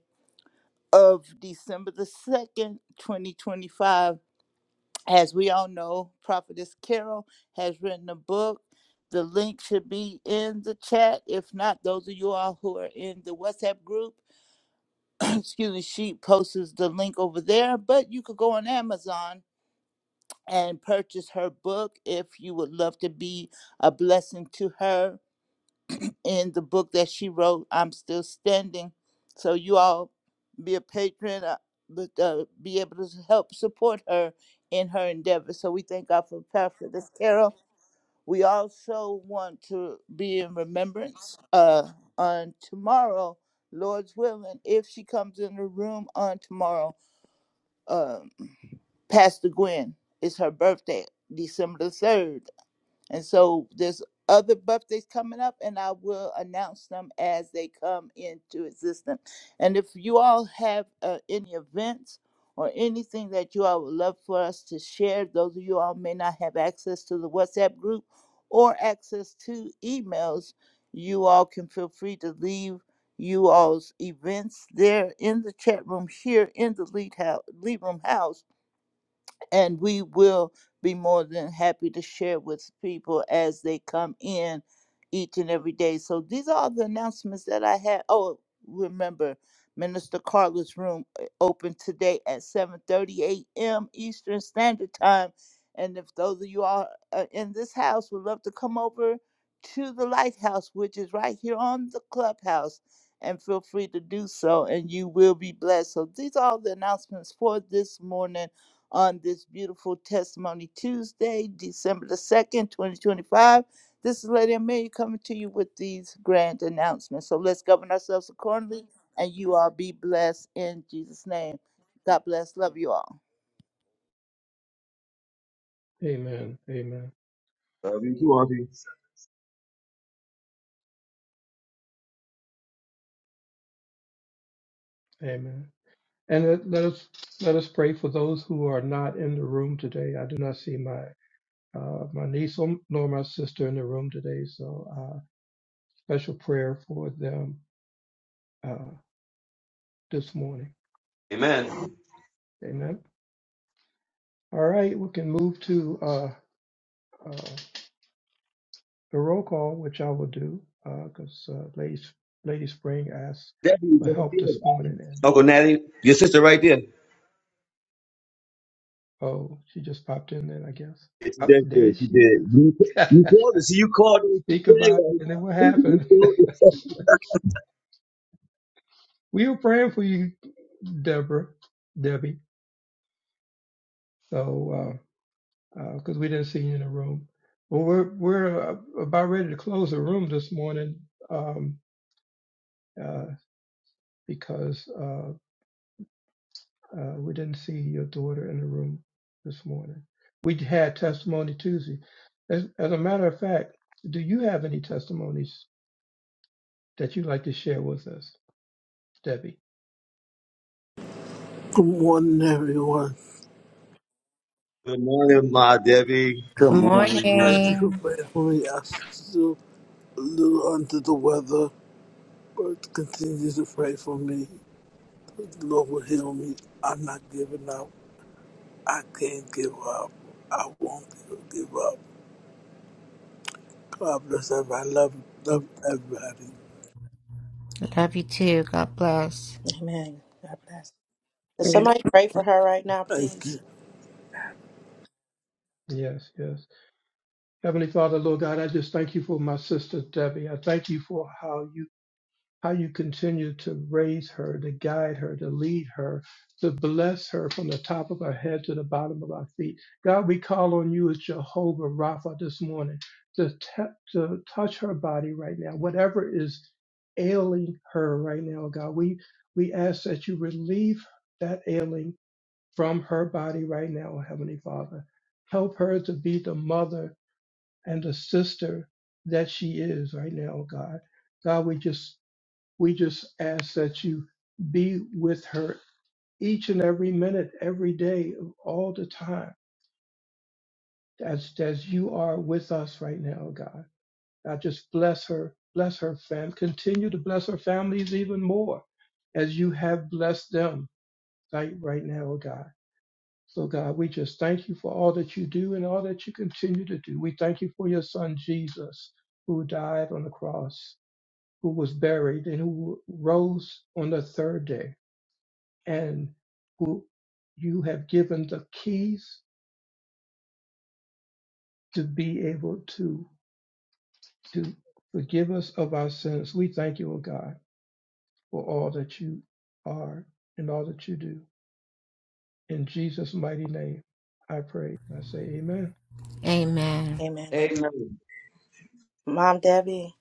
Speaker 9: of December the 2nd, 2025. as we all know, Prophetess Carol has written a book. The link should be in the chat. If not, those of you all who are in the WhatsApp group, excuse me, she posts the link over there. But you could go on Amazon and purchase her book if you would love to be a blessing to her in the book that she wrote, I'm Still Standing. So you all be a patron, uh, but uh, be able to help support her in her endeavor. So we thank God for Prophetess Carol. We also want to be in remembrance uh, on tomorrow, Lord's willing, if she comes in the room on tomorrow, um, Pastor Gwen. It's her birthday, December the 3rd. And so there's other birthdays coming up, and I will announce them as they come into existence. And if you all have uh, any events or anything that you all would love for us to share, those of you all may not have access to the WhatsApp group or access to emails, you all can feel free to leave you all's events there in the chat room here in the lead house, lead room house and we will be more than happy to share with people as they come in each and every day. So these are all the announcements that I had. Oh, remember, Minister Carla's room uh, open today at 7:30 a.m. Eastern Standard Time. And if those of you are uh, in this house would love to come over to the Lighthouse, which is right here on the clubhouse, and feel free to do so, and you will be blessed. So these are all the announcements for this morning on this beautiful Testimony Tuesday, December the 2nd, 2025. This is Lady Amelia coming to you with these grand announcements. So let's govern ourselves accordingly, and you all be blessed in Jesus' name. God bless. Love you all.
Speaker 1: Amen. Amen.
Speaker 7: Love you too, Auntie.
Speaker 1: Amen. And let let us let us pray for those who are not in the room today. I do not see my uh, my niece nor my sister in the room today, so uh, special prayer for them uh, this morning.
Speaker 7: Amen.
Speaker 1: Amen. All right, we can move to uh, uh, the roll call, which I will do, because uh, uh, Lady, Lady Spring asked
Speaker 7: Debbie is
Speaker 1: for
Speaker 7: right
Speaker 1: help
Speaker 7: there.
Speaker 1: this morning, and
Speaker 7: Uncle Natty, your sister right there.
Speaker 1: oh, she just popped in then, I guess.
Speaker 7: She
Speaker 1: Up
Speaker 7: did.
Speaker 1: there
Speaker 7: good. She
Speaker 1: she
Speaker 7: did.
Speaker 1: is.
Speaker 7: You, you called her. See, you called her. She
Speaker 1: Speak
Speaker 7: said,
Speaker 1: about
Speaker 7: it.
Speaker 1: it, and then what
Speaker 7: You
Speaker 1: happened?
Speaker 7: called her.
Speaker 1: we were praying for you, Deborah, Debbie. So, because uh, uh 'cause we didn't see you in the room, but we're we're uh, about ready to close the room this morning um, uh, because. uh, Uh, we didn't see your daughter in the room this morning. We had testimony Tuesday. As, as a matter of fact, do you have any testimonies that you'd like to share with us, Debbie?
Speaker 13: Good morning, everyone.
Speaker 7: Good morning, my Debbie.
Speaker 5: Good
Speaker 12: Good
Speaker 5: morning.
Speaker 13: Thank you for
Speaker 12: morning.
Speaker 13: praying for me. I still a little under the weather, but continue to pray for me. The Lord will heal me. I'm not giving up. I can't give up. I won't give up. God bless everybody. I love, love everybody.
Speaker 12: Love you too. God bless.
Speaker 6: Amen. God bless. Does somebody pray for her right now,
Speaker 13: Thank
Speaker 6: please?
Speaker 13: you.
Speaker 1: Yes, yes. Heavenly Father, Lord God, I just thank you for my sister Debbie. I thank you for how you. how you continue to raise her, to guide her, to lead her, to bless her from the top of our head to the bottom of our feet. God, we call on you as Jehovah Rapha this morning to, ta- to touch her body right now, whatever is ailing her right now, God. We, we ask that you relieve that ailing from her body right now, Heavenly Father. Help her to be the mother and the sister that she is right now, God. God, we just we just ask that you be with her each and every minute, every day, all the time, as, as you are with us right now, God. I just bless her, bless her family, continue to bless her families even more as you have blessed them right, right now, God. So, God, we just thank you for all that you do and all that you continue to do. We thank you for your son, Jesus, who died on the cross, who was buried, and who rose on the third day and who you have given the keys to be able to to forgive us of our sins. We thank you, O God, for all that you are and all that you do. In Jesus' mighty name, I pray. I say, Amen.
Speaker 12: Amen.
Speaker 6: Amen. Amen.
Speaker 7: Amen.
Speaker 6: Mom Debbie,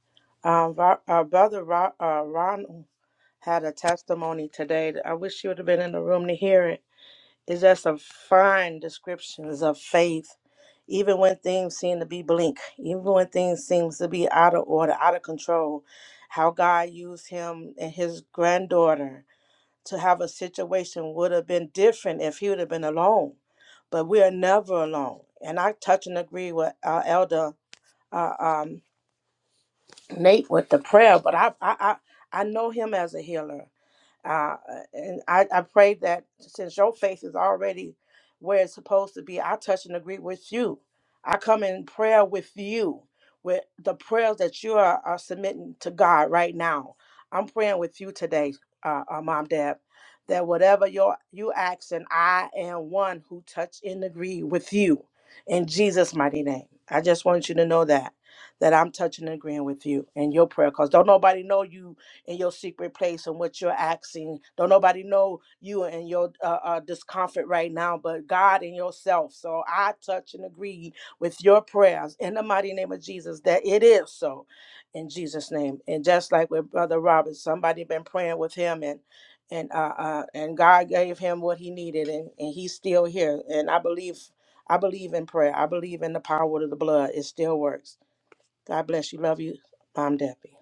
Speaker 6: um, Ro- uh, Brother Ro- uh, Ron had a testimony today. I wish she would have been in the room to hear it. is just some fine descriptions of faith, even when things seem to be blink, even when things seems to be out of order, out of control, how God used him and his granddaughter to have a situation would have been different if he would have been alone. But we are never alone. And I touch and agree with uh, Elder uh, um, Nate with the prayer, but I, I, I, I know him as a healer. Uh, and I, I pray that since your faith is already where it's supposed to be, I touch and agree with you. I come in prayer with you, with the prayers that you are, are submitting to God right now. I'm praying with you today, uh, uh, Mom, Dad, that whatever your you ask, and I am one who touch and agree with you in Jesus' mighty name. I just want you to know that that I'm touching and agreeing with you in your prayer, cause don't nobody know you in your secret place and what you're asking. Don't nobody know you and your uh, uh, discomfort right now, but God and yourself. So I touch and agree with your prayers in the mighty name of Jesus that it is so in Jesus' name. And just like with Brother Robert, somebody been praying with him and and uh, uh and God gave him what he needed and, and he's still here. And I believe I believe in prayer. I believe in the power of the blood. It still works. God bless you. Love you. I'm Debbie.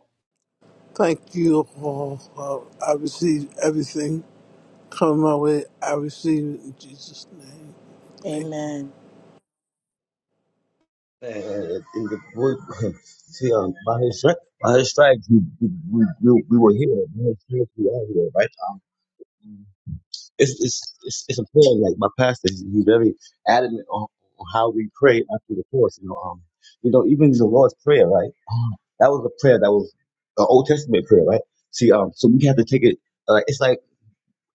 Speaker 13: Thank you all. Uh, I receive everything come my way. I receive it in Jesus' name. Thank you.
Speaker 6: Amen.
Speaker 7: Uh, in the book, see, um, by his strength, by his stripes, we, we, we, we we were here. By his stripes, we are here, right? Um, it's, it's, it's, it's a prayer. Like my pastor, he- he's very adamant on, on how we pray after the course. You know, um, you know, even the Lord's prayer, right? That was a prayer that was an Old Testament prayer, right? See, um, so we have to take it. Uh, it's like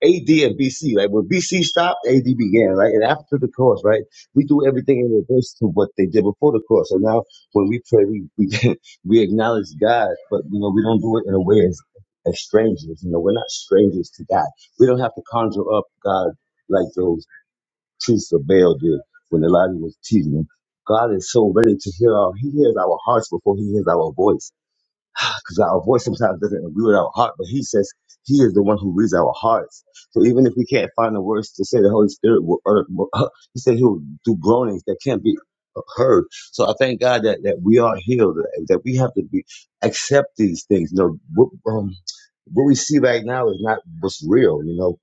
Speaker 7: AD and BC. Like when BC stopped, AD began. Right, and after the course, right, we do everything in reverse to what they did before the course. So now when we pray, we we, we acknowledge God, but you know we don't do it in a way as as strangers. You know, we're not strangers to God. We don't have to conjure up God like those priests of Baal did when Elijah was teasing them. God is so ready to hear our. He hears our hearts before He hears our voice because our voice sometimes doesn't agree with our heart, but he says he is the one who reads our hearts. So even if we can't find the words to say, the Holy Spirit will, utter- will uh, he said he will do groanings that can't be heard. So I thank God that, that we are healed, that we have to be accept these things. You know, what, um, what we see right now is not what's real. You know,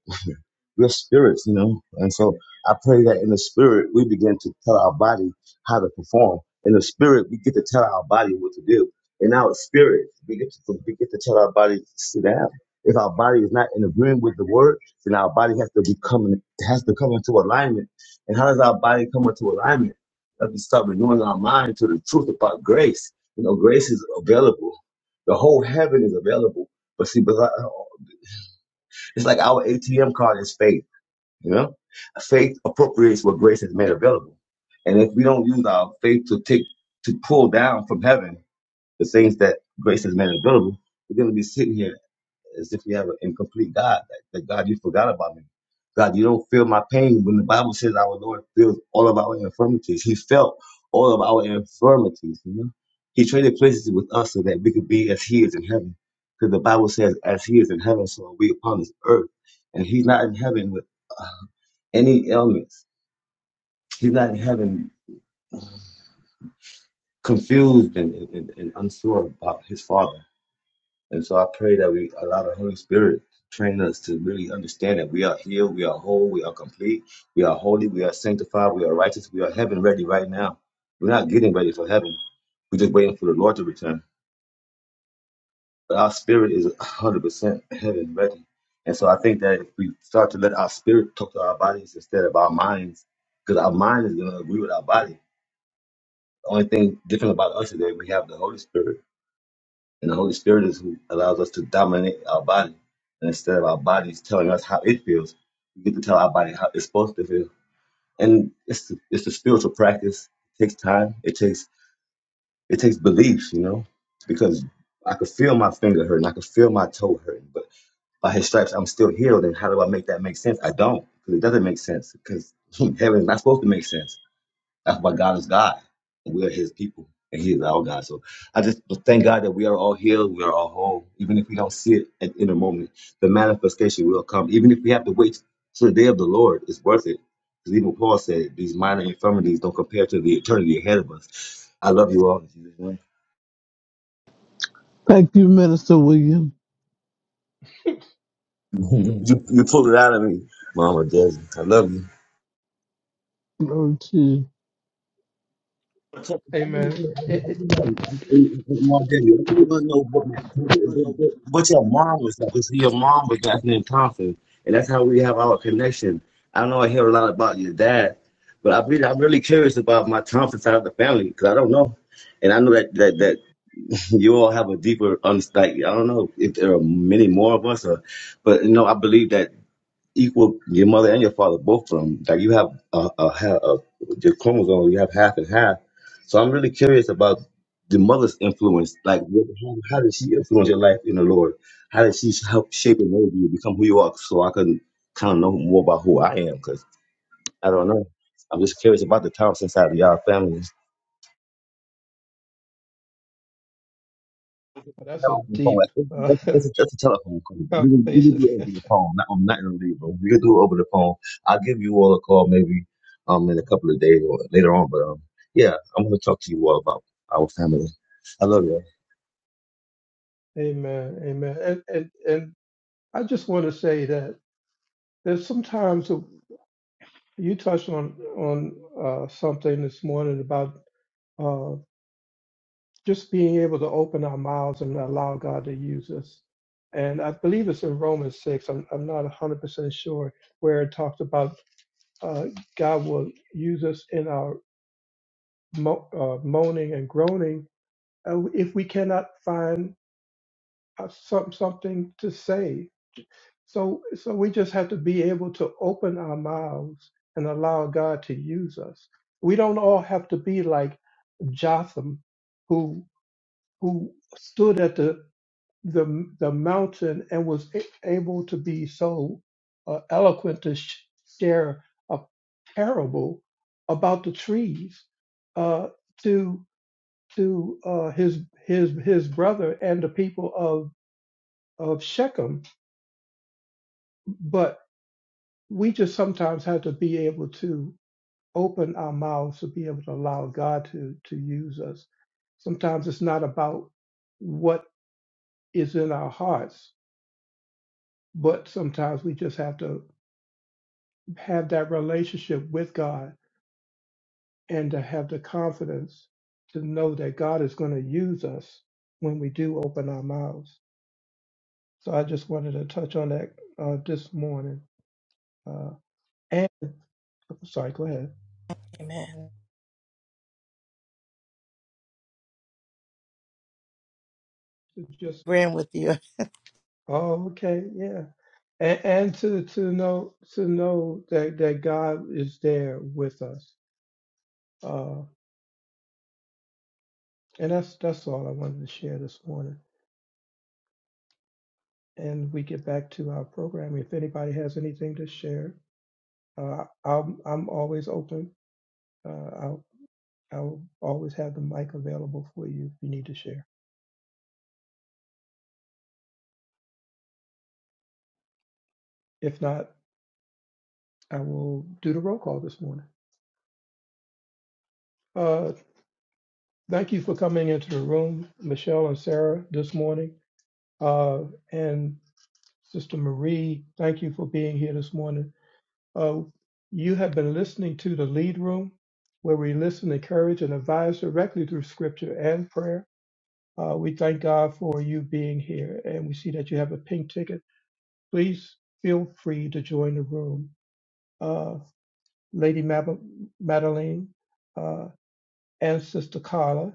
Speaker 7: we're spirits, you know. And so I pray that in the spirit we begin to tell our body how to perform. In the spirit, we get to tell our body what to do. In our spirit, we get to we get to tell our body to sit down. If our body is not in agreement with the word, then our body has to become has to come into alignment. And how does our body come into alignment? That we start renewing our mind to the truth about grace. You know, grace is available. The whole heaven is available. But see, but uh, it's like our ATM card is fake. You know, faith appropriates what grace has made available. And if we don't use our faith to take to pull down from heaven the things that grace has made available, we're going to be sitting here as if we have an incomplete God. Like, that God, you forgot about me. God, you don't feel my pain. When the Bible says our Lord feels all of our infirmities, He felt all of our infirmities. You know, He traded places with us so that we could be as He is in heaven. Because the Bible says, "As He is in heaven, so are we upon this earth." And He's not in heaven any ailments. He's not having confused and, and, and unsure about his father. And so I pray that we allow the Holy Spirit to train us to really understand that we are healed, we are whole, we are complete, we are holy, we are sanctified, we are righteous, we are heaven ready right now. We're not getting ready for heaven. We're just waiting for the Lord to return. But our spirit is 100% heaven ready. And so I think that if we start to let our spirit talk to our bodies instead of our minds, because our mind is going to agree with our body The only thing different about us is that we have the Holy Spirit, and the Holy Spirit is who allows us to dominate our body. And instead of our bodies telling us how it feels, we get to tell our body how it's supposed to feel. And it's it's a spiritual practice. It takes time. It takes it takes belief, you know, because I could feel my finger hurting. I could feel my toe hurting, but by His stripes I'm still healed. And how do I make that make sense? I don't, because it doesn't make sense. Because heaven's not supposed to make sense that's why God is God. and We are His people, and He is our God. So I just thank God that we are all healed, we are all whole, even if we don't see it at, in a moment. The manifestation will come, even if we have to wait till the day of the Lord. It's worth it, because even Paul said these minor infirmities don't compare to the eternity ahead of us. I love you all.
Speaker 13: Thank you, Minister William.
Speaker 7: You, you pulled it out of me, Mama Des. I love you.
Speaker 13: Glory to you.
Speaker 7: So that was
Speaker 1: Amen.
Speaker 7: good. I
Speaker 1: It- it-
Speaker 7: really want I was ordinary. I really want to know what, my, what, what what your mom was like. If your mom was like in Thompson, and that's how we have our connection. I know I hear a lot about your dad, but I really, I'm really curious about my Thompson side of the family because I don't know, and I know that, that that you all have a deeper understanding. I don't know if there are many more of us, or, but you know, I believe that equal your mother and your father both from like you have a, a, ha- a your chromosome you have half and half so i'm really curious about the mother's influence like what, how, how did she influence your life in the lord how did she help shape and mold you to become who you are so i can kind of know more about who i am because i don't know i'm just curious about the time since of y'all family
Speaker 1: well, that's a
Speaker 7: telephone call. Like,
Speaker 1: deep
Speaker 7: this,
Speaker 1: uh,
Speaker 7: this, this is just a telephone call. We can, we can
Speaker 1: conversation.
Speaker 7: do it over the phone. Not, I'm not going to leave, bro. We can do it over the phone. I'll give you all a call maybe um in a couple of days or later on. But um, yeah, I'm going to talk to you all about our family. I love you. all.
Speaker 1: amen. Amen. And, and and I just want to say that there's sometimes a- you touched on on uh, something this morning about uh, just being able to open our mouths and allow God to use us. And I believe it's in Romans 6, I'm, I'm not 100% sure, where it talks about uh, God will use us in our mo- uh, moaning and groaning uh, if we cannot find uh, some, something to say. So, so we just have to be able to open our mouths and allow God to use us. We don't all have to be like Jotham, who who stood at the the the mountain and was a- able to be so uh, eloquent to sh- share a parable about the trees uh, to to uh, his his his brother and the people of of Shechem, but we just sometimes have to be able to open our mouths to be able to allow God to to use us. Sometimes it's not about what is in our hearts, but sometimes we just have to have that relationship with God and to have the confidence to know that God is going to use us when we do open our mouths. So I just wanted to touch on that uh, this morning. Uh, and oh, sorry, go ahead.
Speaker 6: Amen.
Speaker 1: It's Just
Speaker 6: agreeing with you.
Speaker 1: oh, okay, yeah, and, and to to know to know that that God is there with us. Uh, and that's that's all I wanted to share this morning. And we get back to our program. If anybody has anything to share. Uh, I'm I'm always open. Uh, I'll I'll always have the mic available for you if you need to share. If not, I will do the roll call this morning. Uh, thank you for coming into the room, Michelle and Sarah, this morning. Uh, and Sister Marie, thank you for being here this morning. Uh, you have been listening to the lead room, where we listen, encourage, and advise directly through scripture and prayer. Uh, we thank God for you being here, and we see that you have a pink ticket please feel free to join the room. Uh, Lady Mab- Madeline uh, and Sister Carla,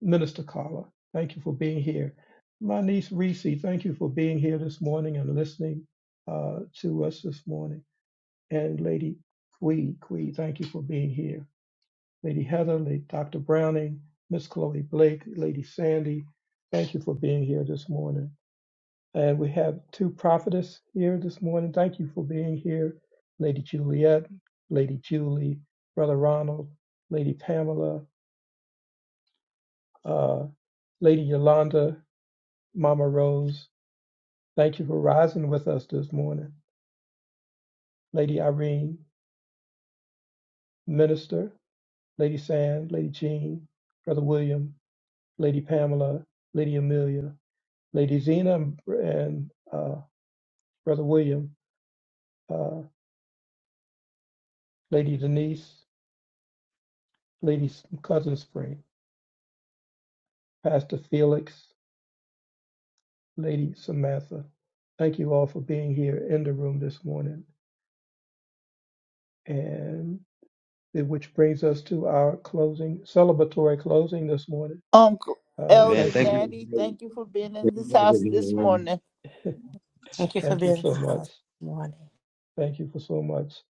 Speaker 1: Minister Carla, thank you for being here. My niece Reese, thank you for being here this morning and listening uh, to us this morning. And Lady Quee, Quee, thank you for being here. Lady Heather, Lady Dr. Browning, Miss Chloe Blake, Lady Sandy, thank you for being here this morning. And we have two prophetess here this morning. Thank you for being here, Lady Juliet, Lady Julie, Brother Ronald, Lady Pamela, uh, Lady Yolanda, Mama Rose. Thank you for rising with us this morning. Lady Irene, Minister, Lady Sand, Lady Jean, Brother William, Lady Pamela, Lady Amelia, Lady Zena, and and, uh, Brother William, uh, Lady Denise, Lady Cousin Spring. Pastor Felix, Lady Samantha. Thank you all for being here in the room this morning. And it- which brings us to our closing, celebratory closing this morning.
Speaker 9: Uncle
Speaker 1: Uh,
Speaker 7: Amen.
Speaker 9: Elder
Speaker 1: thank
Speaker 7: Thank
Speaker 1: you.
Speaker 7: you.
Speaker 9: Natty, thank
Speaker 7: Thank
Speaker 9: you for being in
Speaker 7: you
Speaker 9: this
Speaker 7: guys for
Speaker 9: house
Speaker 7: being in the
Speaker 9: this
Speaker 7: room.
Speaker 9: morning.
Speaker 6: Thank you for
Speaker 1: Thank you
Speaker 6: being in
Speaker 1: so
Speaker 6: the house
Speaker 1: much.
Speaker 6: this morning.
Speaker 1: Thank you for so much.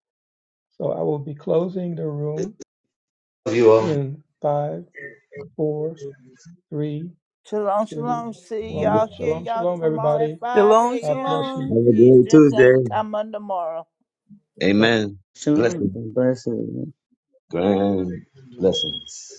Speaker 1: So I will be closing the
Speaker 7: I
Speaker 1: room
Speaker 7: Love you all.
Speaker 1: in five, four, three,
Speaker 9: Shalom,
Speaker 1: two,
Speaker 9: shalom. See
Speaker 1: one.
Speaker 9: y'all
Speaker 7: Have
Speaker 9: here,
Speaker 1: Shalom,
Speaker 9: y'all
Speaker 1: shalom,
Speaker 9: tomorrow at
Speaker 1: everybody.
Speaker 9: 5
Speaker 10: Shalom,
Speaker 1: God
Speaker 9: a.m.
Speaker 1: bless you.
Speaker 10: shalom.
Speaker 7: a great
Speaker 9: Eastern
Speaker 7: Tuesday.
Speaker 9: Standard Time on tomorrow.
Speaker 1: Yep.
Speaker 7: Amen.
Speaker 11: Shalom
Speaker 7: Blessings.
Speaker 11: and blessings.
Speaker 7: Grand blessings.